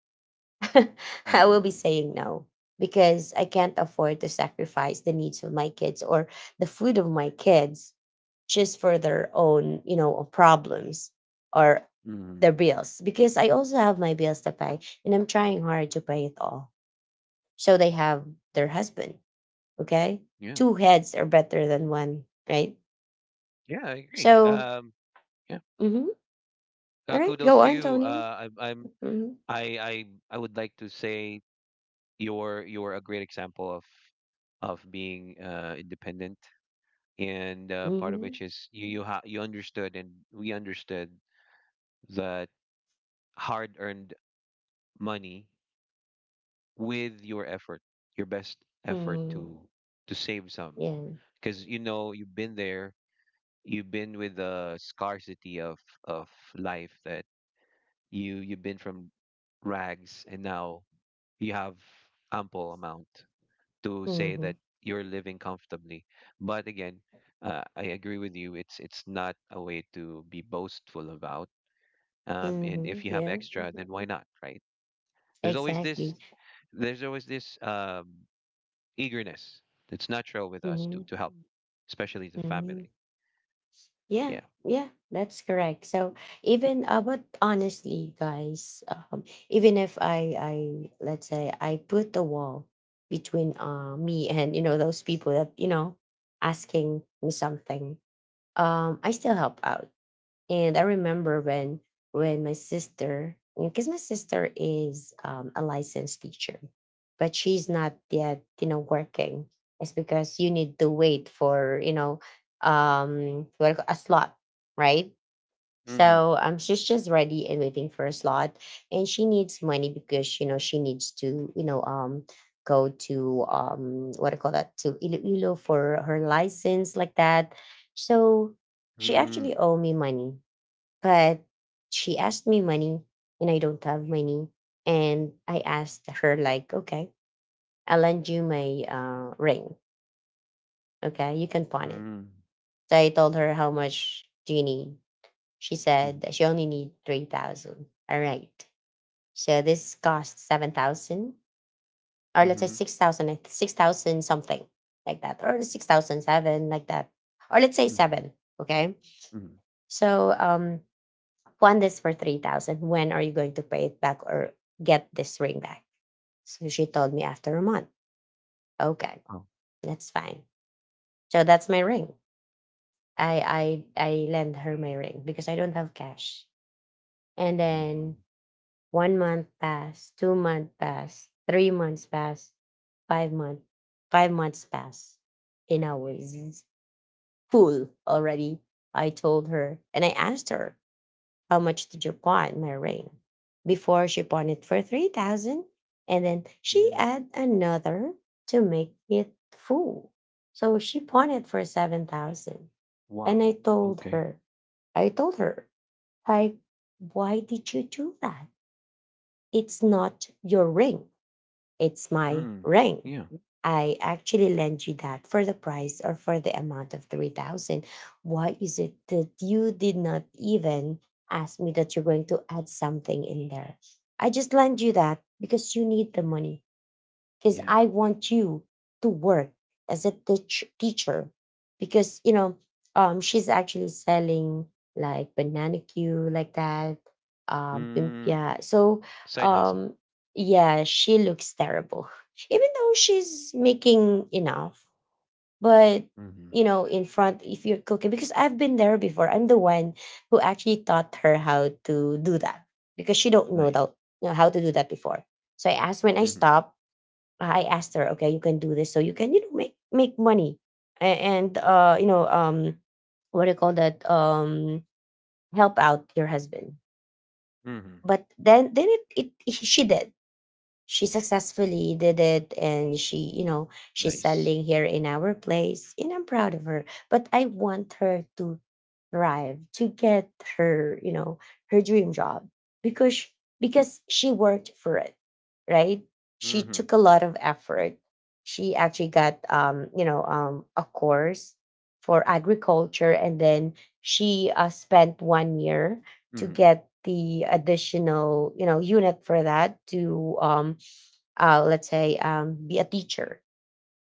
[SPEAKER 1] [laughs] I will be
[SPEAKER 2] Mhm.
[SPEAKER 1] saying no because I can't afford to sacrifice the needs of my kids or the food of my kids just for their own, you know, problems or their
[SPEAKER 2] Mhm.
[SPEAKER 1] bills. Because I also have my bills to pay and I'm trying hard to pay it all. So they have their husband, okay?
[SPEAKER 2] Yeah.
[SPEAKER 1] Two heads are better than one, right?
[SPEAKER 2] Yeah, I agree.
[SPEAKER 1] So,
[SPEAKER 2] Yeah.
[SPEAKER 1] mhm. All right,
[SPEAKER 2] Kudos
[SPEAKER 1] go
[SPEAKER 2] to
[SPEAKER 1] on,
[SPEAKER 2] you.
[SPEAKER 1] Tony. Mm-hmm.
[SPEAKER 2] I, I, I would like to say you're a great example of being independent, and part of
[SPEAKER 1] Mm-hmm.
[SPEAKER 2] which is you understood, and we understood that hard-earned money with your effort, your best effort
[SPEAKER 1] Mm-hmm.
[SPEAKER 2] to save some,
[SPEAKER 1] Yeah.
[SPEAKER 2] because you know you've been there. You've been with the scarcity of life that you've been from rags and now you have ample amount to say
[SPEAKER 1] Mm-hmm.
[SPEAKER 2] that you're living comfortably. But again, I agree with you. It's not a way to be boastful about. And
[SPEAKER 1] Mm-hmm.
[SPEAKER 2] if you have
[SPEAKER 1] Yeah.
[SPEAKER 2] extra, then why not, right? There's always this
[SPEAKER 1] Exactly.
[SPEAKER 2] there's always this eagerness that's natural with us
[SPEAKER 1] Hmm.
[SPEAKER 2] to help, especially the
[SPEAKER 1] Hmm.
[SPEAKER 2] family.
[SPEAKER 1] Yeah,
[SPEAKER 2] Yeah.
[SPEAKER 1] yeah, that's correct. So even but honestly, guys, um, even if I, I let's say I put the wall between me and you know those people that you know asking me something, I still help out. And I remember when my sister, because my sister is a licensed teacher, but she's not yet, you know, working. It's because you need to wait for, you know, what do you call- a slot, right?
[SPEAKER 2] Mm-hmm.
[SPEAKER 1] So she's just ready and waiting for a slot, and she needs money because you know she needs to, you know, go to what do you call that to Iloilo for her license like that. So she
[SPEAKER 2] Mm-hmm.
[SPEAKER 1] actually owe me money, but she asked me money and I don't have money. And I asked her, like, okay, I'll lend you my ring. Okay, you can pawn it. So I told her how much do you need? She said that
[SPEAKER 2] Mhm,
[SPEAKER 1] she only need 3,000. All right. So this cost 7,000, or let's say
[SPEAKER 2] mhm,
[SPEAKER 1] 6,000, like 6,000 something like that, or six thousand seven like that, or let's say
[SPEAKER 2] mhm,
[SPEAKER 1] seven. Okay.
[SPEAKER 2] mhm.
[SPEAKER 1] So want this for 3,000. When are you going to pay it back or get this ring back? So she told me after a month. Okay,
[SPEAKER 2] Oh,
[SPEAKER 1] that's fine. So that's my ring. I lend her my ring because I don't have cash. And
[SPEAKER 2] mhm,
[SPEAKER 1] then one month passed, two months passed, three months passed, five month, 5 months passed, and I was full already. I told her and I asked her, how much did you pawn my ring? Before she pawned it for 3,000 and then she
[SPEAKER 2] mhm.
[SPEAKER 1] add another to make it full. So she pawned it for 7,000. And
[SPEAKER 2] Wow, okay.
[SPEAKER 1] I told her, like, why did you do that? It's not your ring. It's my
[SPEAKER 2] Mm.
[SPEAKER 1] ring.
[SPEAKER 2] Yeah,
[SPEAKER 1] I actually lend you that for the price or for the amount of 3,000. Why is it that you did not even ask me that you're going to add something in there? I just lend you that because you need the money, because
[SPEAKER 2] yeah.
[SPEAKER 1] I want you to work as a teacher. Because you know she's actually selling like banana Q like that,
[SPEAKER 2] Mm.
[SPEAKER 1] lumpia. So
[SPEAKER 2] Side hustle.
[SPEAKER 1] um, yeah, she looks terrible, [laughs] even though she's making enough. But you
[SPEAKER 2] Mhm.
[SPEAKER 1] know, in front, if you're cooking, because I've been there before, I'm the one who actually taught her how to do that because she don't know
[SPEAKER 2] Nice.
[SPEAKER 1] that know how to do that before. So I asked when I
[SPEAKER 2] Mhm.
[SPEAKER 1] stop, I asked her, okay, you can do this, so you can you know make make money, and you know what do you call that? Help out your husband.
[SPEAKER 2] Mhm.
[SPEAKER 1] But then it, it she did, she successfully did it, and she you know she's
[SPEAKER 2] Nice.
[SPEAKER 1] selling here in our place and I'm proud of her. But I want her to thrive to get her you know her dream job because because she worked for it, right? She
[SPEAKER 2] Mhm.
[SPEAKER 1] took a lot of effort. She actually got you know a course for agriculture, and then she spent one year to
[SPEAKER 2] Mhm.
[SPEAKER 1] get the additional you know unit for that to let's say be a teacher.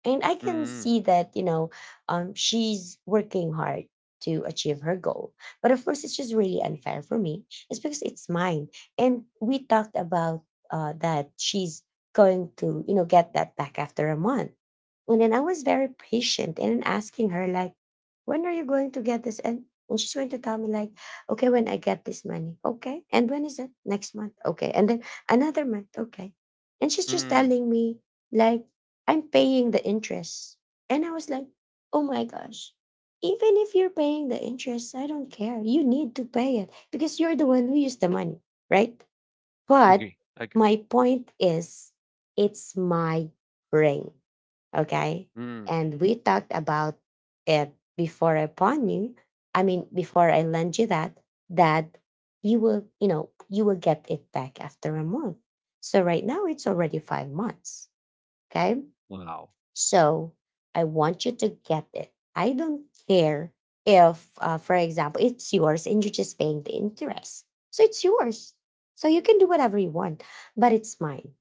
[SPEAKER 1] And I can
[SPEAKER 2] Mhm.
[SPEAKER 1] see that you know she's working hard to achieve her goal. But of course, it's just really unfair for me. It's because it's mine, and we talked about that she's going to you know get that back after a month. And then I was very patient and asking her like, when are you going to get this? And she's going to tell me like, okay, when I get this money, okay. And when is it? Next month, okay. And then another month, okay. And she's just
[SPEAKER 2] Mhm.
[SPEAKER 1] telling me like I'm paying the interest. And I was like, oh my gosh, even if you're paying the interest, I don't care. You need to pay it because you're the one who used the money, right? But
[SPEAKER 2] Agree. Agree.
[SPEAKER 1] my point is, it's my ring, okay?
[SPEAKER 2] Mm.
[SPEAKER 1] And we talked about it before I pawn you. I mean, before I lend you that, that you will, you know, you will get it back after a month. So right now it's already 5 months, okay?
[SPEAKER 2] Wow.
[SPEAKER 1] So I want you to get it. I don't care if, for example, it's yours and you're just paying the interest. So it's yours. So you can do whatever you want, but it's mine.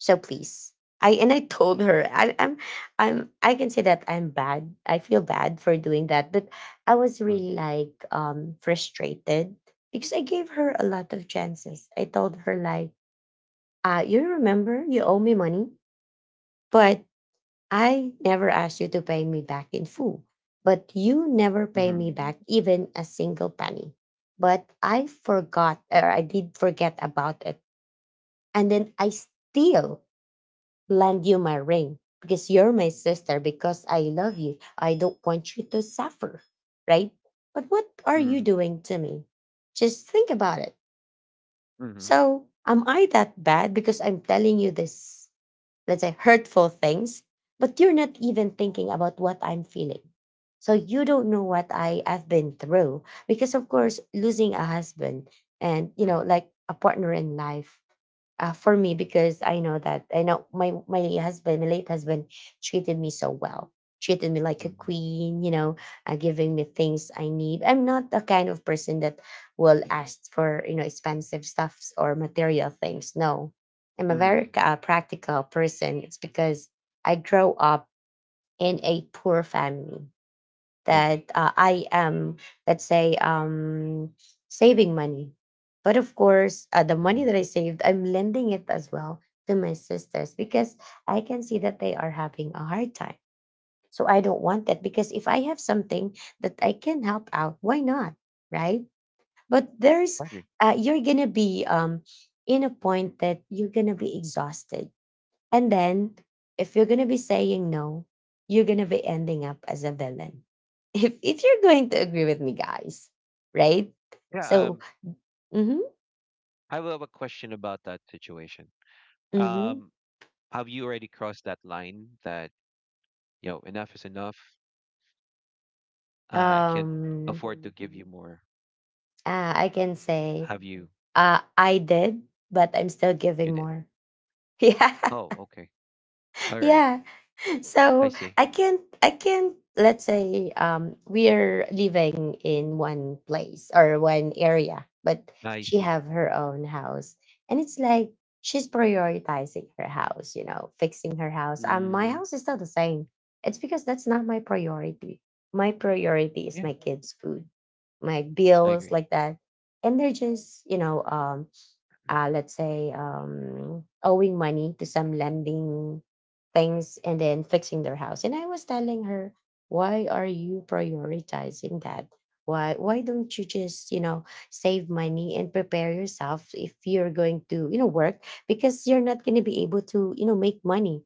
[SPEAKER 1] So please. I and I told her I can say that I'm bad. I feel bad for doing that, but I was
[SPEAKER 2] Mm.
[SPEAKER 1] really like frustrated because I gave her a lot of chances. I told her like, you remember you owe me money, but I never asked you to pay me back in full, but you never pay me back
[SPEAKER 2] Mhm.
[SPEAKER 1] even a single penny. But I forgot, or I did forget about it. And then I still lend you my ring because you're my sister, because I love you. I don't want you to suffer, right? But what are you
[SPEAKER 2] Mhm.
[SPEAKER 1] doing to me? Just think about it.
[SPEAKER 2] Mhm.
[SPEAKER 1] So, am I that bad because I'm telling you this? Let's say hurtful things, but you're not even thinking about what I'm feeling. So you don't know what I have been through. Because of course losing a husband and you know
[SPEAKER 2] Mhm.
[SPEAKER 1] like a partner in life, for me because I know that I know my husband, my late husband, treated me so well, treated me like a
[SPEAKER 2] Mhm.
[SPEAKER 1] queen, you know, giving me things I need. I'm not the kind of person that will ask for you know expensive stuffs or material things. No, I'm a very
[SPEAKER 2] Mhm.
[SPEAKER 1] practical person. It's because I grow up in a poor family
[SPEAKER 2] Agree.
[SPEAKER 1] that I am, let's say, saving money. But of course, the money that I
[SPEAKER 2] Mhm.
[SPEAKER 1] saved, I'm lending it as well to my sisters because I can see that they are having a hard time. So I don't want that because if I have something that I can help out, why not? Right? But there's,
[SPEAKER 2] Agree.
[SPEAKER 1] uh, you're going to be in a point that you're going to be exhausted. And then, if you're going to be saying no, you're going to be ending up as a villain. [laughs] If you're going to agree with me, guys, right?
[SPEAKER 2] Yeah.
[SPEAKER 1] So, mm-hmm,
[SPEAKER 2] I will have a question about that situation.
[SPEAKER 1] mm-hmm.
[SPEAKER 2] Um. Have you already crossed that line that you know enough is enough? I can't
[SPEAKER 1] Um,
[SPEAKER 2] afford to give you hmm more.
[SPEAKER 1] I can say,
[SPEAKER 2] Have you?
[SPEAKER 1] I did, but I'm still
[SPEAKER 2] You
[SPEAKER 1] giving
[SPEAKER 2] did.
[SPEAKER 1] more. [laughs] Yeah.
[SPEAKER 2] Oh, okay. All right.
[SPEAKER 1] Yeah. [laughs]
[SPEAKER 2] I
[SPEAKER 1] So
[SPEAKER 2] see.
[SPEAKER 1] I can't, let's say, we're living in one place or one area, but
[SPEAKER 2] I
[SPEAKER 1] she
[SPEAKER 2] see.
[SPEAKER 1] have her own house. And it's like she's prioritizing her house, fixing her house. My
[SPEAKER 2] Hmm.
[SPEAKER 1] house is still the same. It's because that's not my priority. My priority is
[SPEAKER 2] Yeah,
[SPEAKER 1] my kids' food, my
[SPEAKER 2] I
[SPEAKER 1] bills,
[SPEAKER 2] agree.
[SPEAKER 1] like that. And they're just, let's say, owing money to some lending things, and then fixing their house. And I was telling her, why are you prioritizing that? Why don't you just, save money and prepare yourself if you're going to, work? Because you're not going to be able to, make money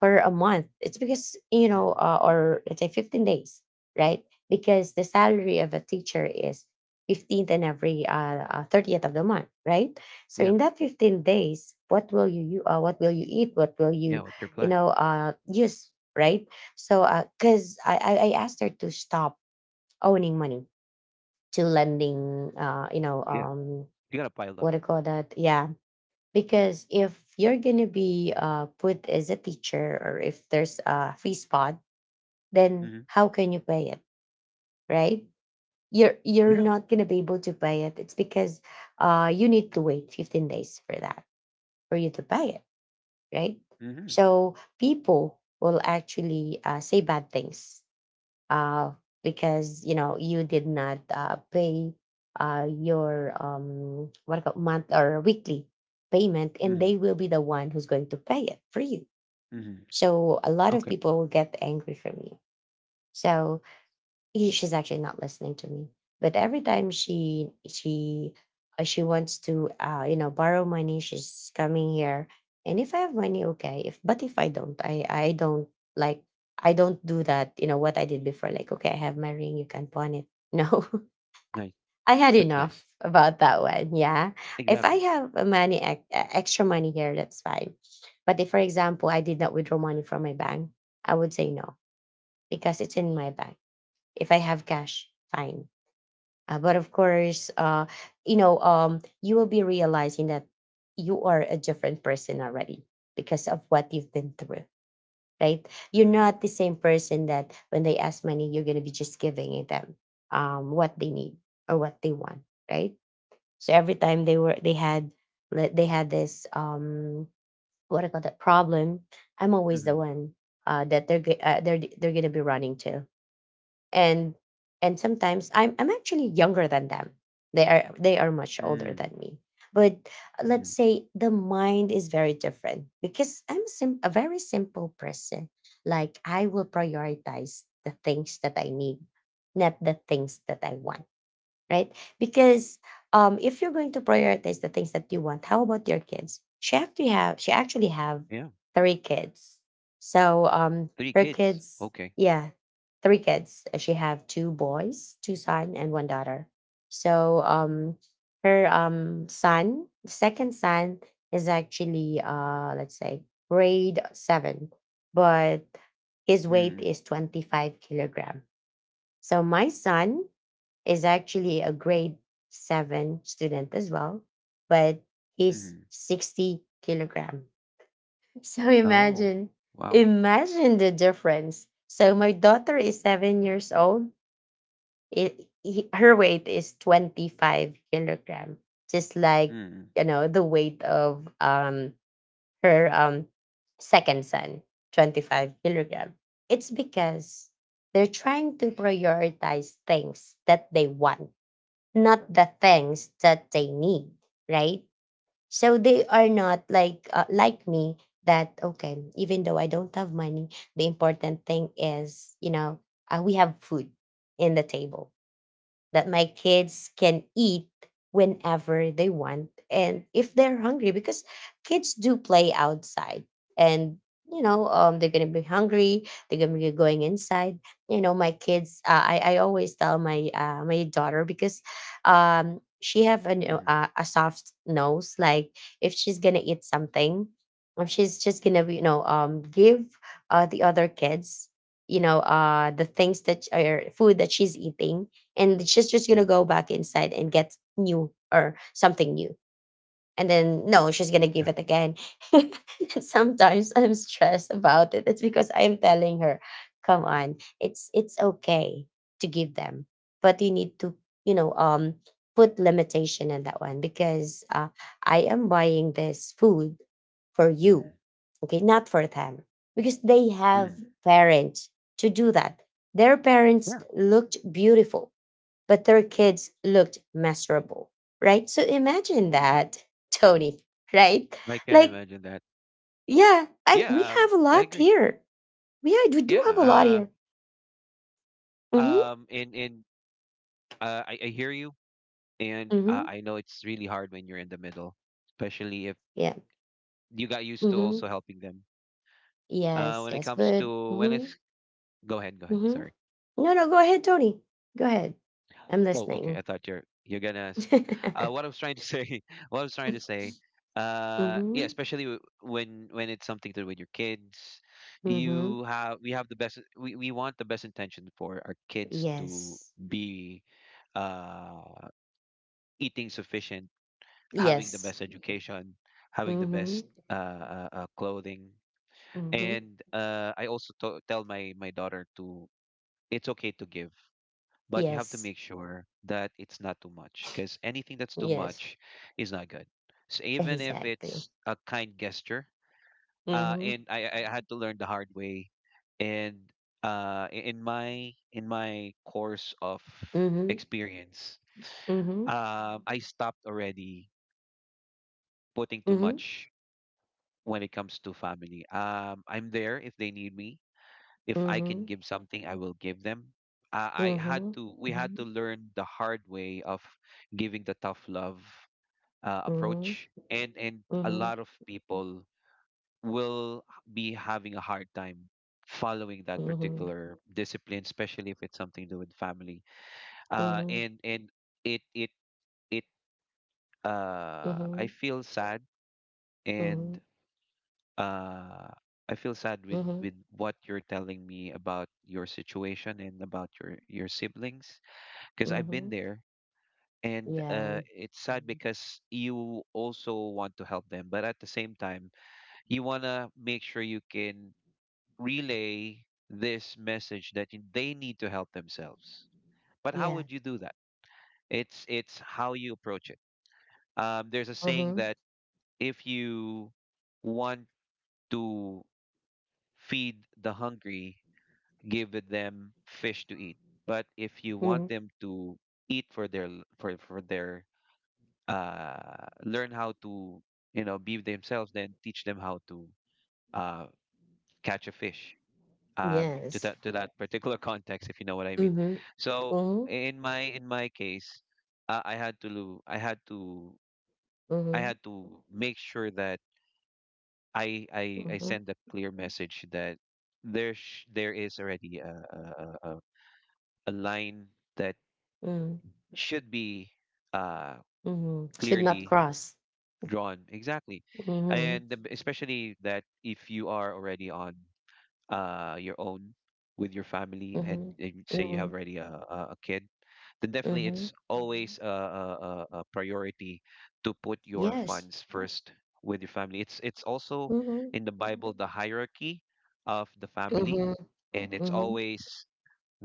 [SPEAKER 1] for a month. It's because,
[SPEAKER 2] Mm-hmm.
[SPEAKER 1] or let's say, 15 days, right? Because the salary of a teacher is 15th and every 30th of the month, right? So
[SPEAKER 2] Yeah.
[SPEAKER 1] in that 15 days, what will you, you what will you eat? What will
[SPEAKER 2] Yeah.
[SPEAKER 1] you,
[SPEAKER 2] What's your plan?
[SPEAKER 1] use? Right. So because I asked her to stop owning money to lending.
[SPEAKER 2] Yeah. You gotta pile up.
[SPEAKER 1] What do you call that? Yeah. Because if you're gonna be put as a teacher, or if there's a free spot, then
[SPEAKER 2] Hmm.
[SPEAKER 1] how can you pay it? Right. You're
[SPEAKER 2] Yeah.
[SPEAKER 1] not gonna be able to pay it. It's because you need to wait 15 days for that, for you to pay it, right?
[SPEAKER 2] Hmm.
[SPEAKER 1] So people will actually say bad things, uh, because you did not pay your what I call month or weekly payment, and they
[SPEAKER 2] Hmm.
[SPEAKER 1] will be the one who's going to pay it for you.
[SPEAKER 2] Hmm.
[SPEAKER 1] So a lot of
[SPEAKER 2] Okay.
[SPEAKER 1] people will get angry from you. So she's actually not listening to me, but every time she wants to, you know, borrow money, she's coming here. And if I have money, okay, if but if I don't, I don't, like, I don't do that. You know what I did before? Like, okay, I have my ring, you can pawn it. No.
[SPEAKER 2] Nice.
[SPEAKER 1] [laughs] I had
[SPEAKER 2] That's nice.
[SPEAKER 1] enough about that one. Yeah. If I
[SPEAKER 2] Exactly.
[SPEAKER 1] have money, extra money here, that's fine. But if, for example, I did not withdraw money from my bank, I would say no, because it's in my bank. If I have cash, fine. But of course, you will be realizing that you are a different person already, because of what you've been through, right? You're
[SPEAKER 2] Mm-hmm.
[SPEAKER 1] not the same person that, when they ask money, you're going to be just giving it them, what they need or what they want, right? So every time they were, they had, like, they had this, what I call that problem. I'm always the
[SPEAKER 2] Mm-hmm.
[SPEAKER 1] one, that they're, they're going to be running to. and and sometimes I'm actually younger than them. They are much older than me, but let's
[SPEAKER 2] Mm-hmm.
[SPEAKER 1] say the mind is very different, because I'm a a very simple person. Like, I will prioritize the things that I need, not the things that I want, right? Because, if you're going to prioritize the things that you want, how about your kids? She actually have
[SPEAKER 2] Yeah.
[SPEAKER 1] three kids. So,
[SPEAKER 2] Three
[SPEAKER 1] her
[SPEAKER 2] kids.
[SPEAKER 1] kids,
[SPEAKER 2] Okay.
[SPEAKER 1] yeah, three kids. She have two boys, two son and one daughter. So, her son, second son, is actually, let's say, grade seven, but his weight
[SPEAKER 2] Mm-hmm.
[SPEAKER 1] is 25 kilogram. So my son is actually a grade seven student as well, but he's 60 kilogram. So
[SPEAKER 2] Oh,
[SPEAKER 1] imagine,
[SPEAKER 2] wow.
[SPEAKER 1] imagine the difference. So my daughter is 7 years old. Her weight is 25 kilogram, just like,
[SPEAKER 2] Mm-hmm.
[SPEAKER 1] the weight of, her, second son, 25 kilogram. It's because they're trying to prioritize things that they want, not the things that they need, right? So they are not like, like me, that okay, even though I don't have money, the important thing is, we have food in the table, that my kids can eat whenever they want and if they're hungry. Because kids do play outside, and, they're gonna be hungry, they're gonna be going inside. You know, my kids, I always tell my, my daughter, because, she have a soft nose. Like, if she's gonna eat something, if she's just gonna, give the other kids, the things that are food that she's eating, and she's just gonna
[SPEAKER 2] Mhm.
[SPEAKER 1] go back inside and get new or something new. And then, no, she's gonna give
[SPEAKER 2] Yeah.
[SPEAKER 1] it again. [laughs] And sometimes I'm stressed about it. It's because I'm telling her, come on, it's okay to give them, but you need to, you know um put limitation in that one. Because, I am buying this food for you,
[SPEAKER 2] Mhm.
[SPEAKER 1] okay, not for them. Because they have
[SPEAKER 2] Mhm.
[SPEAKER 1] parents to do that. Their parents
[SPEAKER 2] Yeah.
[SPEAKER 1] looked beautiful, but their kids looked miserable, right? So imagine that, Tony, [laughs] right?
[SPEAKER 2] I can
[SPEAKER 1] Like,
[SPEAKER 2] imagine that.
[SPEAKER 1] yeah, I, we
[SPEAKER 2] Yeah,
[SPEAKER 1] have a
[SPEAKER 2] I
[SPEAKER 1] lot
[SPEAKER 2] agree.
[SPEAKER 1] here. Yeah, we do have a lot
[SPEAKER 2] Yeah.
[SPEAKER 1] here.
[SPEAKER 2] Uh,
[SPEAKER 1] Mm-hmm.
[SPEAKER 2] um, and and I hear you, and
[SPEAKER 1] Mm-hmm.
[SPEAKER 2] I know it's really hard when you're in the middle, especially if
[SPEAKER 1] Yeah.
[SPEAKER 2] you got used to
[SPEAKER 1] Mm-hmm.
[SPEAKER 2] also helping them.
[SPEAKER 1] Yes.
[SPEAKER 2] When it
[SPEAKER 1] Yes.
[SPEAKER 2] comes
[SPEAKER 1] But.
[SPEAKER 2] to when
[SPEAKER 1] Mm-hmm.
[SPEAKER 2] it's Go ahead, go ahead.
[SPEAKER 1] Mm-hmm.
[SPEAKER 2] Sorry.
[SPEAKER 1] No. No. Go ahead, Tony. Go ahead. I'm
[SPEAKER 2] Oh, okay.
[SPEAKER 1] listening.
[SPEAKER 2] I thought You're gonna.
[SPEAKER 1] [laughs] Mm-hmm.
[SPEAKER 2] What I was trying to say, [laughs] What I was trying to say, yeah, especially when it's something to do with your kids,
[SPEAKER 1] Mm-hmm.
[SPEAKER 2] you have we have the best. We want the best intention for our kids to
[SPEAKER 1] Yes.
[SPEAKER 2] be, uh, eating sufficient, having the
[SPEAKER 1] Yes.
[SPEAKER 2] best education, having the
[SPEAKER 1] Mm-hmm.
[SPEAKER 2] best clothing,
[SPEAKER 1] Mm-hmm.
[SPEAKER 2] and I also to tell my my daughter to it's okay to give but you have to
[SPEAKER 1] Yes.
[SPEAKER 2] make sure that it's not too much because anything that's too
[SPEAKER 1] Yes.
[SPEAKER 2] much is not good. So even if
[SPEAKER 1] Exactly.
[SPEAKER 2] it's a kind gesture,
[SPEAKER 1] Mm-hmm.
[SPEAKER 2] I had to learn the hard way, and in my course of
[SPEAKER 1] Mm-hmm.
[SPEAKER 2] experience,
[SPEAKER 1] Mhm,
[SPEAKER 2] I stopped already putting too
[SPEAKER 1] mhm,
[SPEAKER 2] much when it comes to family. I'm there if they need me. If I can
[SPEAKER 1] mhm,
[SPEAKER 2] give something, I will give them. I had
[SPEAKER 1] mhm,
[SPEAKER 2] to, we had to Mhm. learn the hard way of giving the tough love
[SPEAKER 1] mhm,
[SPEAKER 2] approach, and a
[SPEAKER 1] mhm,
[SPEAKER 2] lot of people will be having a hard time following that
[SPEAKER 1] mhm,
[SPEAKER 2] particular discipline, especially if it's something to do with family.
[SPEAKER 1] mhm,
[SPEAKER 2] And it it it I
[SPEAKER 1] mhm,
[SPEAKER 2] feel sad
[SPEAKER 1] mhm,
[SPEAKER 2] and uh I feel sad
[SPEAKER 1] mhm,
[SPEAKER 2] with what you're telling me about your situation and about your siblings because I've been
[SPEAKER 1] mhm.
[SPEAKER 2] there and
[SPEAKER 1] Yeah,
[SPEAKER 2] it's sad because you also want to help them but at the same time you want to make sure you can relay this message that they need to help themselves. But how
[SPEAKER 1] yeah.
[SPEAKER 2] would you do that? It's how you approach it. Um, there's a saying
[SPEAKER 1] Mhm,
[SPEAKER 2] that if you want to feed the hungry give them fish to eat. But if you
[SPEAKER 1] mhm.
[SPEAKER 2] want them to eat for their for their learn how to you know be themselves, then teach them how to uh catch a fish.
[SPEAKER 1] Yes.
[SPEAKER 2] To that particular [laughs] context, if you know what I mean.
[SPEAKER 1] Mhm,
[SPEAKER 2] So
[SPEAKER 1] mhm,
[SPEAKER 2] in my case, I had to
[SPEAKER 1] mhm,
[SPEAKER 2] make sure that I
[SPEAKER 1] mhm,
[SPEAKER 2] send a clear message that there is already a line that
[SPEAKER 1] mhm,
[SPEAKER 2] should be uh,
[SPEAKER 1] mhm. Should not
[SPEAKER 2] clearly
[SPEAKER 1] cross.
[SPEAKER 2] drawn. Exactly.
[SPEAKER 1] Mhm,
[SPEAKER 2] And especially that if you are already on your own with your family
[SPEAKER 1] mhm,
[SPEAKER 2] and say you
[SPEAKER 1] mhm,
[SPEAKER 2] have already a kid, then definitely
[SPEAKER 1] mhm.
[SPEAKER 2] it's Mm-hmm. always a priority to put your
[SPEAKER 1] Yes.
[SPEAKER 2] funds first with your family. It's also
[SPEAKER 1] Mhm,
[SPEAKER 2] in the Bible the hierarchy of the family,
[SPEAKER 1] mhm,
[SPEAKER 2] and it's
[SPEAKER 1] mhm,
[SPEAKER 2] always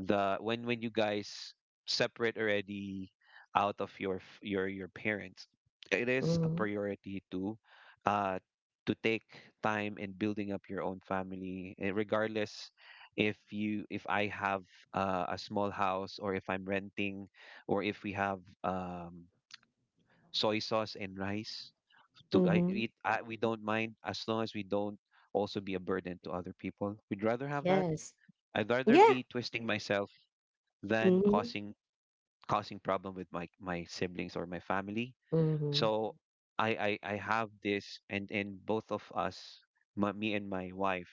[SPEAKER 2] the when you guys separate already out of your your parents it is a
[SPEAKER 1] mhm,
[SPEAKER 2] priority uh to take time in building up your own family regardless if you if I have a small house or if I'm renting or if we have soy sauce and rice to
[SPEAKER 1] mhm.
[SPEAKER 2] we don't mind as long as we don't also be a burden to other people. We'd rather have that.
[SPEAKER 1] Yes.
[SPEAKER 2] I'd rather
[SPEAKER 1] Yeah.
[SPEAKER 2] be twisting myself than
[SPEAKER 1] Mhm,
[SPEAKER 2] causing causing problem with my my siblings or my family.
[SPEAKER 1] mhm,
[SPEAKER 2] So I have this, and both of us, me and my wife,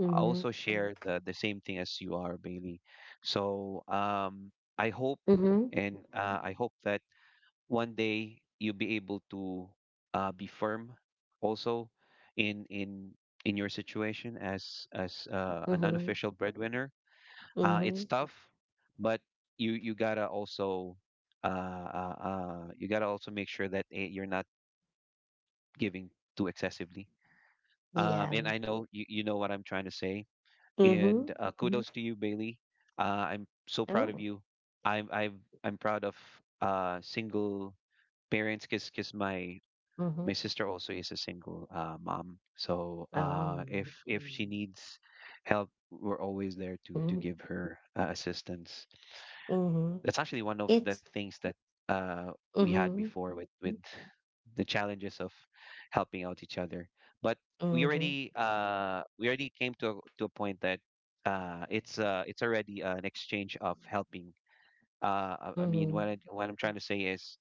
[SPEAKER 1] mhm,
[SPEAKER 2] also share the same thing as you are, Bailey. So I hope
[SPEAKER 1] mhm.
[SPEAKER 2] and I hope that one day you'll be able to be firm, also in in in your situation as an
[SPEAKER 1] Mhm,
[SPEAKER 2] unofficial breadwinner. It's
[SPEAKER 1] mhm,
[SPEAKER 2] tough, but you you gotta also uh, you gotta also make sure that you're not giving too excessively. And
[SPEAKER 1] yeah,
[SPEAKER 2] I know you, you know what I'm trying to say. And
[SPEAKER 1] mhm,
[SPEAKER 2] Mhm. kudos to you, Bailey. I'm so proud of
[SPEAKER 1] oh,
[SPEAKER 2] you. I'm I'm proud of single parents because my
[SPEAKER 1] mhm,
[SPEAKER 2] sister also is a single mom. So
[SPEAKER 1] oh,
[SPEAKER 2] if she Mm. needs help, we're always there to
[SPEAKER 1] mhm,
[SPEAKER 2] give her assistance.
[SPEAKER 1] mhm,
[SPEAKER 2] That's actually one of the
[SPEAKER 1] it's,
[SPEAKER 2] things that uh, we had
[SPEAKER 1] mhm,
[SPEAKER 2] before with the challenges of helping out each other. But
[SPEAKER 1] mhm,
[SPEAKER 2] we already came to to a point that it's already an exchange of helping.
[SPEAKER 1] mhm,
[SPEAKER 2] What I'm trying to say is,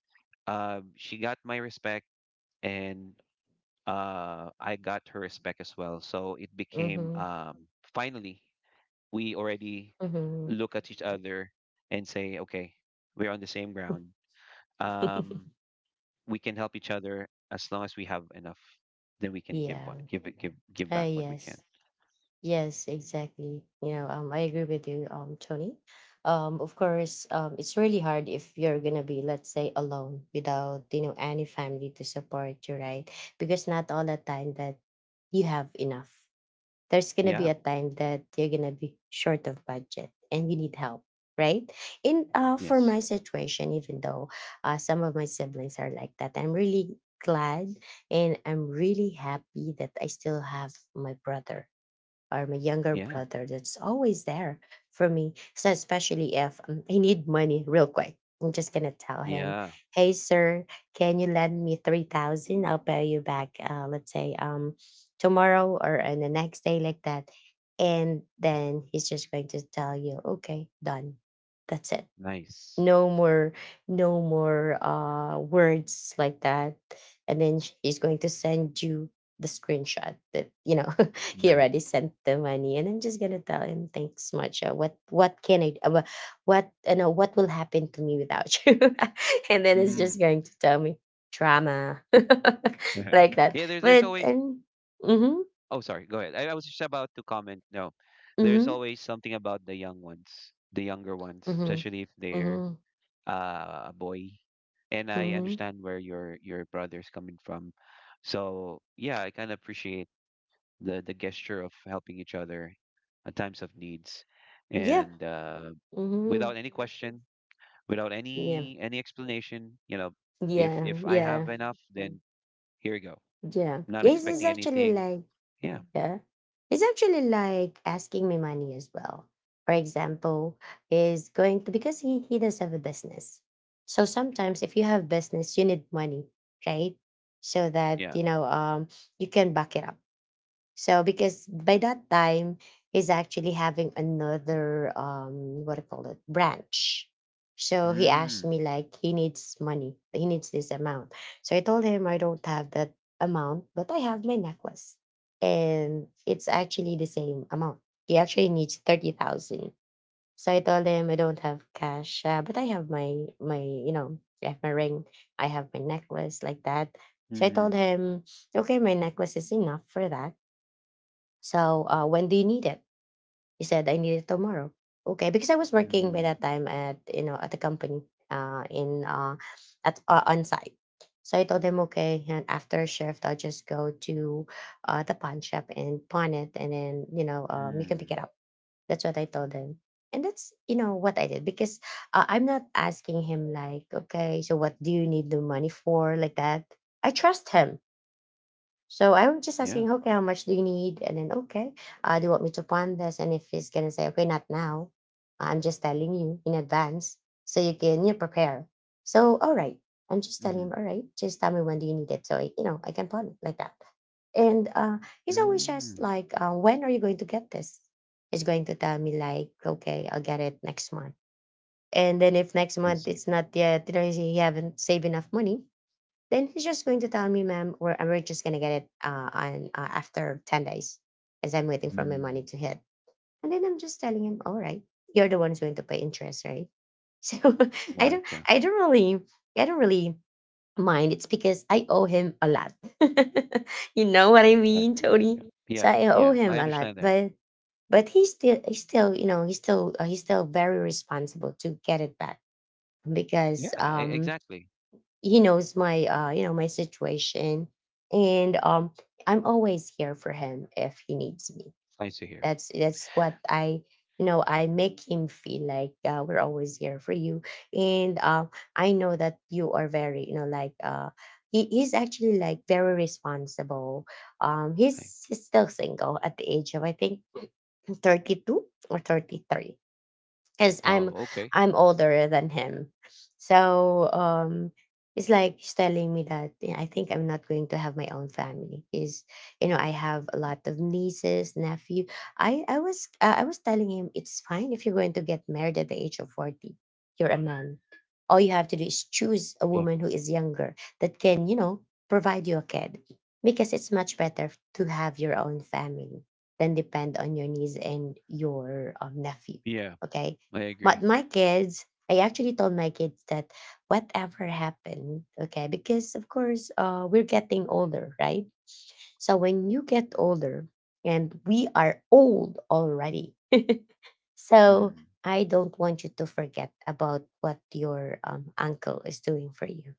[SPEAKER 2] she got my respect and I got her respect as well. So it became
[SPEAKER 1] mhm,
[SPEAKER 2] finally we already
[SPEAKER 1] mhm.
[SPEAKER 2] look at each other and say, okay, we're on the same ground. Um,
[SPEAKER 1] [laughs]
[SPEAKER 2] we can help each other as long as we have enough. Then we can give
[SPEAKER 1] Yeah.
[SPEAKER 2] what give back what we can.
[SPEAKER 1] Yes. Yes, exactly. You know, I agree with you, Tony. Of course, it's really hard if you're gonna be, let's say, alone without, you know, any family to support you, right? Because not all the time that you have enough. There's gonna be
[SPEAKER 2] Yeah.
[SPEAKER 1] a time that you're gonna be short of budget and you need help, right? In, for
[SPEAKER 2] Yes.
[SPEAKER 1] my situation, even though some of my siblings are like that, I'm really glad, and I'm really happy that I still have my brother, or my younger
[SPEAKER 2] Yeah.
[SPEAKER 1] brother, that's always there for me. So especially if, I need money real quick, I'm just gonna tell him,
[SPEAKER 2] Yeah.
[SPEAKER 1] "Hey, sir, can you lend me 3,000? I'll pay you back. Let's say, tomorrow or on the next day, like that." And then he's just going to tell you, "Okay, done. That's it."
[SPEAKER 2] Nice.
[SPEAKER 1] No more, no more, words, like that. And then she's going to send you the screenshot that, you know, [laughs] he
[SPEAKER 2] Nice.
[SPEAKER 1] already sent the money. And I'm just gonna tell him, thanks much, what can I, what, you know, what will happen to me without you? [laughs] And then it's just
[SPEAKER 2] Mhm.
[SPEAKER 1] going to tell me, drama. [laughs]
[SPEAKER 2] [laughs] yeah.
[SPEAKER 1] Like that.
[SPEAKER 2] There's there's
[SPEAKER 1] But
[SPEAKER 2] always.
[SPEAKER 1] and mm-hmm,
[SPEAKER 2] Oh, sorry. Go ahead. I was just about to comment. No, there's
[SPEAKER 1] mm-hmm,
[SPEAKER 2] always something about the young ones, the younger ones,
[SPEAKER 1] mm-hmm,
[SPEAKER 2] especially if they're
[SPEAKER 1] mm-hmm,
[SPEAKER 2] a boy, and I
[SPEAKER 1] mm-hmm,
[SPEAKER 2] understand where your brother's coming from. So yeah, I kind of appreciate the gesture of helping each other at times of needs,
[SPEAKER 1] yeah,
[SPEAKER 2] and
[SPEAKER 1] mm-hmm,
[SPEAKER 2] without any question, without
[SPEAKER 1] yeah,
[SPEAKER 2] any any explanation. You know,
[SPEAKER 1] yeah,
[SPEAKER 2] if I
[SPEAKER 1] yeah.
[SPEAKER 2] have enough, then here you go.
[SPEAKER 1] Yeah.
[SPEAKER 2] Not
[SPEAKER 1] Yes, it's
[SPEAKER 2] expecting Right.
[SPEAKER 1] actually
[SPEAKER 2] anything.
[SPEAKER 1] like,
[SPEAKER 2] Yeah,
[SPEAKER 1] yeah. It's actually like asking me money as well. For example, is going to, because he does have a business. So sometimes if you have business, you need money, right? So that,
[SPEAKER 2] yeah.
[SPEAKER 1] you can back it up. So because by that time, he's actually having another, what do you call it, branch. So he asked
[SPEAKER 2] Mm.
[SPEAKER 1] me like he needs money. He needs this amount. So I told him I don't have that amount, but I have my necklace. And it's actually the same amount. He actually needs 30,000. So I told him I don't have cash, but I have my, I have my ring, I have my necklace, like that. So I told
[SPEAKER 2] Mm-hmm.
[SPEAKER 1] him, okay, my necklace is enough for that. So, when do you need it? He said, I need it tomorrow. Okay, because I was working by
[SPEAKER 2] Mm.
[SPEAKER 1] that time at, you know, at the company, in at on site. So I told him, okay, and after shift, I'll just go to, the pawn shop and pawn it, and then, you know, you can pick
[SPEAKER 2] Mm.
[SPEAKER 1] it up. That's what I told him, and that's, you know, what I did, because, I'm not asking him like, okay, so what do you need the money for, like that. I trust him, so I'm just
[SPEAKER 2] Yeah.
[SPEAKER 1] asking, okay, how much do you need? And then, okay, do you want me to plan this? And if he's gonna say, okay, not now, I'm just telling you in advance so you can you prepare. So all right, I'm just telling
[SPEAKER 2] Mm-hmm.
[SPEAKER 1] him, all right, just tell me when do you need it, so I, you know I can plan it like that. And
[SPEAKER 2] Mm.
[SPEAKER 1] he's always just
[SPEAKER 2] Mm.
[SPEAKER 1] like, when are you going to get this? He's going to tell me like, okay, I'll get it next month. And then if next
[SPEAKER 2] I
[SPEAKER 1] month
[SPEAKER 2] see.
[SPEAKER 1] it's not yet, you know, he haven't saved enough money then he's just going to tell me, ma'am, we're just going to get it after 10 days as I'm waiting for my money
[SPEAKER 2] Mm.
[SPEAKER 1] to hit. And then I'm just telling him, all right, you're the one who's going to pay interest, right? [laughs] So [laughs] I don't,
[SPEAKER 2] Gotcha.
[SPEAKER 1] I don't really, I don't really mind. It's because I owe him a lot. [laughs] You know what I
[SPEAKER 2] Gotcha,
[SPEAKER 1] mean, Tony?
[SPEAKER 2] gotcha. Yeah,
[SPEAKER 1] So I owe
[SPEAKER 2] yeah. I
[SPEAKER 1] him a lot,
[SPEAKER 2] understand that.
[SPEAKER 1] but he's still, he's still, he's still very responsible to get it back because
[SPEAKER 2] Exactly.
[SPEAKER 1] he knows my you know my situation and I'm always here for him if he needs me.
[SPEAKER 2] It's nice to hear.
[SPEAKER 1] That's what I, you know, I make him feel like we're always here for you. And I know that you are very, you know, like he's actually like very responsible.
[SPEAKER 2] I,
[SPEAKER 1] He's still single at the age of I think 32 or 33, because
[SPEAKER 2] well, okay.
[SPEAKER 1] I'm older than him. So it's like he's telling me that, "Yeah, I think I'm not going to have my own family." Is You know, I have a lot of nieces, nephew. I was telling him, it's fine if you're going to get married at the age of 40. You're a man, all you have to do is choose a
[SPEAKER 2] Yeah,
[SPEAKER 1] woman who is younger that can, you know, provide you a kid, because it's much better to have your own family than depend on your niece and your nephew.
[SPEAKER 2] yeah.
[SPEAKER 1] Okay.
[SPEAKER 2] I
[SPEAKER 1] But
[SPEAKER 2] agree.
[SPEAKER 1] my kids, I actually told my kids that whatever happened, okay, because of course we're getting older, right? So when you get older and we are old already. [laughs] So
[SPEAKER 2] Mm.
[SPEAKER 1] I don't want you to forget about what your uncle is doing for you.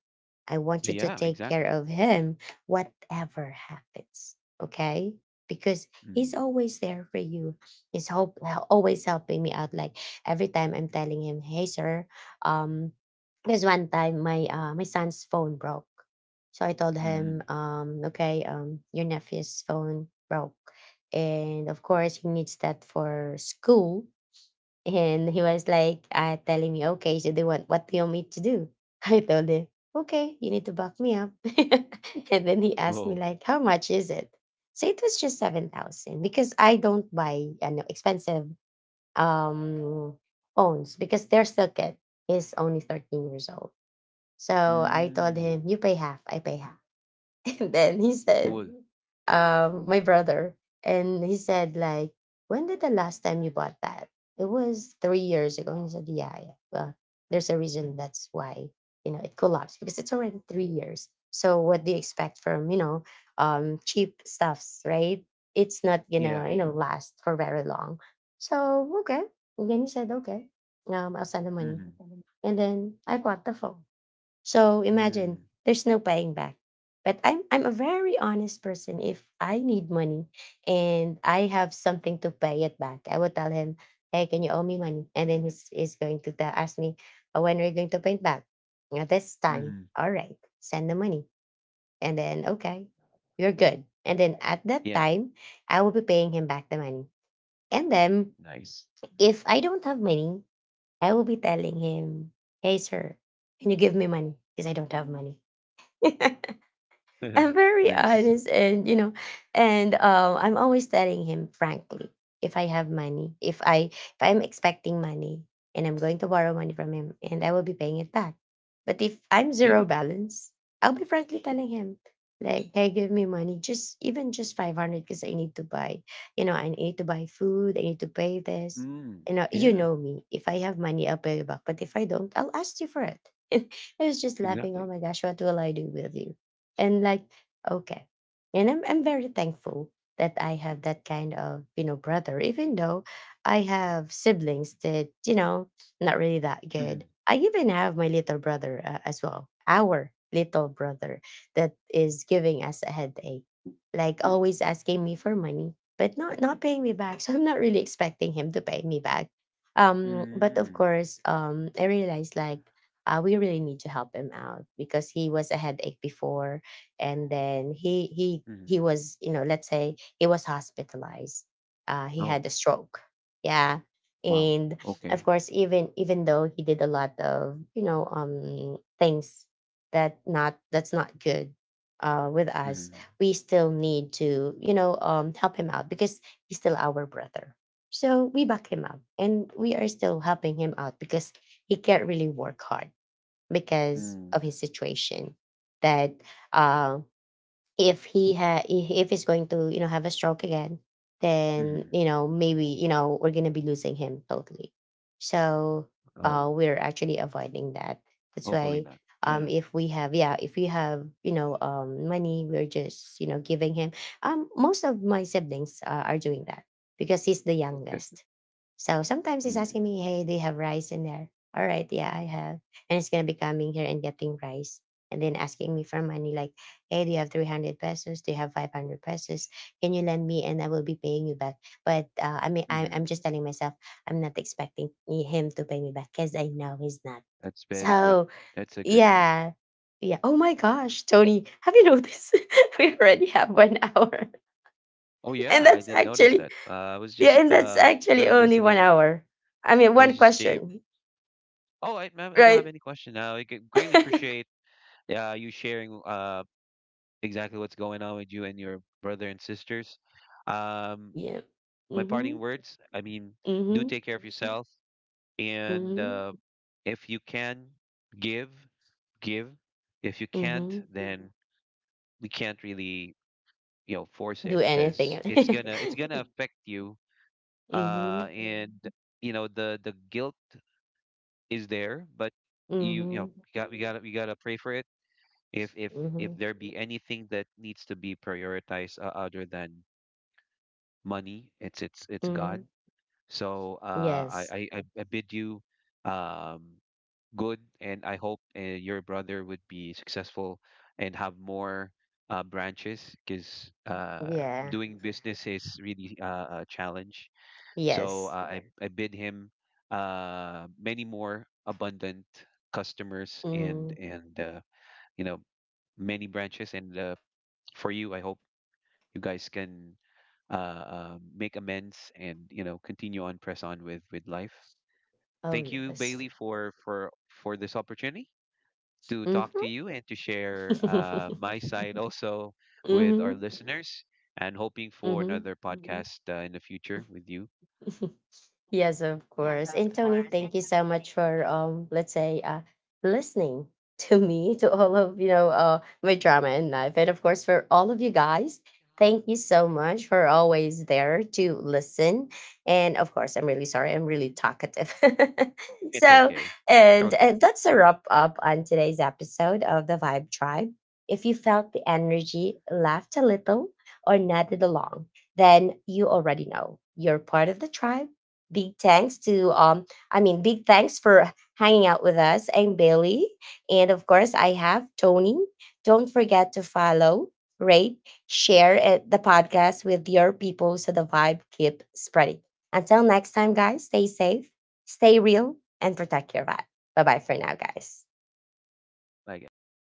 [SPEAKER 1] I want you to
[SPEAKER 2] Yeah,
[SPEAKER 1] take care
[SPEAKER 2] exactly.
[SPEAKER 1] of him, whatever happens. Okay? Because he's
[SPEAKER 2] Mm.
[SPEAKER 1] always there for you. He's hope, Always helping me out. Like every time I'm telling him, "Hey, sir," um, there's one time my my son's phone broke, so I told
[SPEAKER 2] Mm.
[SPEAKER 1] him, "Okay, your nephew's phone broke, and of course he needs that for school." And he was like, telling me, okay, so they want, what do you want me to do? [laughs] I told him, okay, you need to back me up. [laughs] And then he asked
[SPEAKER 2] Whoa.
[SPEAKER 1] me like, how much is it? So it was just 7,000, because I don't buy, you know, expensive um, phones because they're still kid. He's only 13 years old. So I told
[SPEAKER 2] Mm.
[SPEAKER 1] him, you pay half, I pay half. [laughs] And then he said,
[SPEAKER 2] Cool.
[SPEAKER 1] my brother. And he said like, when did the last time you bought that? It was 3 years ago. And he said, yeah, yeah, well, there's a reason that's why, you know, it collapsed, because it's already 3 years. So what do you expect from, you know, cheap stuffs, right? It's not
[SPEAKER 2] Yeah.
[SPEAKER 1] gonna, you know, last for very long. So okay. And then he said, okay, I'll send the money.
[SPEAKER 2] Mm-hmm.
[SPEAKER 1] And then I bought the phone. So
[SPEAKER 2] Mm.
[SPEAKER 1] imagine,
[SPEAKER 2] Mm.
[SPEAKER 1] there's no paying back. But I'm a very honest person. If I need money and I have something to pay it back, I will tell him, "Hey, can you owe me money?" And then he's going to tell, ask me, "When are you going to pay it back?" Now this time,
[SPEAKER 2] Mm.
[SPEAKER 1] all right, send the money, and then okay, you're good. And then at that
[SPEAKER 2] Yeah.
[SPEAKER 1] time, I will be paying him back the money. And then
[SPEAKER 2] Nice.
[SPEAKER 1] if I don't have money, I will be telling him, "Hey, sir, can you give me money? Because I don't have money." [laughs]
[SPEAKER 2] [laughs]
[SPEAKER 1] I'm very
[SPEAKER 2] Nice.
[SPEAKER 1] honest, and you know, and I'm always telling him frankly, if I have money, if I'm expecting money and I'm going to borrow money from him, and I will be paying it back. But if I'm
[SPEAKER 2] Yeah.
[SPEAKER 1] zero balance, I'll be frankly telling him, like, hey, give me money, just even just 500, because I need to buy, you know, I need to buy food, I need to pay this.
[SPEAKER 2] Mm.
[SPEAKER 1] You know, you
[SPEAKER 2] Yeah.
[SPEAKER 1] know me, if I have money, I'll pay you back, but if I don't, I'll ask you for it. [laughs] I was just laughing.
[SPEAKER 2] Exactly.
[SPEAKER 1] Oh
[SPEAKER 2] [laughs]
[SPEAKER 1] my gosh, what will I do with you? And like, okay. And I'm very thankful that I have that kind of, you know, brother, even though I have siblings that, you know, not really that
[SPEAKER 2] Mm.
[SPEAKER 1] good. I even have my little brother, as well, our little brother, that is giving us a headache, like always asking me for money but not paying me back. [laughs] So I'm not really expecting him to pay me back. But of
[SPEAKER 2] Mm.
[SPEAKER 1] course, I realized like we really need to help him out, because he was a headache before. And then he he
[SPEAKER 2] Mm.
[SPEAKER 1] was, you know, let's say he was hospitalized. He
[SPEAKER 2] Oh.
[SPEAKER 1] had a stroke, yeah.
[SPEAKER 2] Wow.
[SPEAKER 1] And
[SPEAKER 2] Okay.
[SPEAKER 1] of course, even though he did a lot of, you know, things that not that's not good with us,
[SPEAKER 2] Mm.
[SPEAKER 1] we still need to, you know, help him out, because he's still our brother. So we back him up, and we are still helping him out, because he can't really work hard because of his
[SPEAKER 2] Mm.
[SPEAKER 1] situation. That uh, if he's going to, you know, have a stroke again, then,
[SPEAKER 2] Mm.
[SPEAKER 1] you know, maybe, you know, we're gonna be losing him totally. So
[SPEAKER 2] Oh.
[SPEAKER 1] we're actually avoiding that. That's
[SPEAKER 2] Hopefully
[SPEAKER 1] why
[SPEAKER 2] not. Yeah.
[SPEAKER 1] if we have, yeah, if we have, you know, money, we're just, you know, giving him. Most of my siblings are doing that, because he's the
[SPEAKER 2] Good.
[SPEAKER 1] youngest. So sometimes he's asking me, hey, do you have rice in there? All right, yeah, I have. And he's going to be coming here and getting rice, and then asking me for money, like, hey, do you have 300 pesos? Do you have 500 pesos? Can you lend me and I will be paying you back? But I mean, I'm
[SPEAKER 2] Mm-hmm.
[SPEAKER 1] just telling myself, I'm not expecting him to pay me back, because I know he's not.
[SPEAKER 2] That's very good.
[SPEAKER 1] So,
[SPEAKER 2] That's a good one.
[SPEAKER 1] yeah. Yeah. Oh my gosh, Tony, have you noticed [laughs] we already have 1 hour? [laughs]
[SPEAKER 2] Oh
[SPEAKER 1] And
[SPEAKER 2] yeah, I
[SPEAKER 1] that's
[SPEAKER 2] didn't notice
[SPEAKER 1] actually,
[SPEAKER 2] that. I was
[SPEAKER 1] yeah,
[SPEAKER 2] just
[SPEAKER 1] and that's
[SPEAKER 2] good
[SPEAKER 1] actually
[SPEAKER 2] at
[SPEAKER 1] only one
[SPEAKER 2] listening.
[SPEAKER 1] hour. I mean,
[SPEAKER 2] I was
[SPEAKER 1] one
[SPEAKER 2] just the
[SPEAKER 1] question,
[SPEAKER 2] Oh, I ma'am, I don't have
[SPEAKER 1] right?
[SPEAKER 2] any question now. Greatly
[SPEAKER 1] [laughs]
[SPEAKER 2] appreciate you sharing exactly what's going on with you and your brother and sisters. Um,
[SPEAKER 1] Yeah.
[SPEAKER 2] my
[SPEAKER 1] Mm-hmm.
[SPEAKER 2] parting words. I mean, do
[SPEAKER 1] Mm-hmm.
[SPEAKER 2] take care of yourself and
[SPEAKER 1] Mm-hmm.
[SPEAKER 2] if you can give, give. If you can't,
[SPEAKER 1] Mm-hmm.
[SPEAKER 2] then we can't really you know force
[SPEAKER 1] Do
[SPEAKER 2] it because
[SPEAKER 1] anything.
[SPEAKER 2] it's Exactly.
[SPEAKER 1] [laughs]
[SPEAKER 2] gonna affect you
[SPEAKER 1] Mm-hmm.
[SPEAKER 2] and you know the guilt is there but you
[SPEAKER 1] Mm-hmm.
[SPEAKER 2] know we gotta pray for it if if if
[SPEAKER 1] Mm-hmm.
[SPEAKER 2] there be anything that needs to be prioritized other than money it's God.
[SPEAKER 1] Mm-hmm.
[SPEAKER 2] So
[SPEAKER 1] Yes.
[SPEAKER 2] I bid you um good, and I hope your brother would be successful and have more branches because
[SPEAKER 1] Yeah.
[SPEAKER 2] doing business is really a challenge. So
[SPEAKER 1] Yes.
[SPEAKER 2] I bid him many more abundant customers
[SPEAKER 1] Mm.
[SPEAKER 2] and you know many branches. And for you, I hope you guys can make amends and you know continue on press on with life.
[SPEAKER 1] Oh
[SPEAKER 2] Thank you,
[SPEAKER 1] yes.
[SPEAKER 2] Bailey, for for this opportunity to talk to you and to
[SPEAKER 1] Mm-hmm.
[SPEAKER 2] share
[SPEAKER 1] [laughs]
[SPEAKER 2] my [laughs] side also with our
[SPEAKER 1] Mm-hmm.
[SPEAKER 2] listeners and hoping for
[SPEAKER 1] Mm-hmm.
[SPEAKER 2] another Mhm. podcast in the future with you.
[SPEAKER 1] [laughs] Yes, of course. And Tony, thank you so much for let's say, listening [laughs] to me, to all of, you know, my drama and life, and of course for all of you guys. Thank you so much for always there to listen. And of course, I'm really sorry. I'm really talkative. [laughs]
[SPEAKER 2] It's
[SPEAKER 1] So,
[SPEAKER 2] okay. Okay.
[SPEAKER 1] and that's a wrap up on today's episode of the Vibe Tribe. If you felt the energy, laughed a little, or nodded along, then you already know you're part of the tribe. Big thanks to big thanks for hanging out with us. I'm Bailey, and of course I have Tony. Don't forget to follow, rate, share it, the podcast with your people so the vibe keep spreading. Until next time guys, stay safe, stay real, and protect your vibe. Bye-bye for now guys.
[SPEAKER 2] Bye, guys.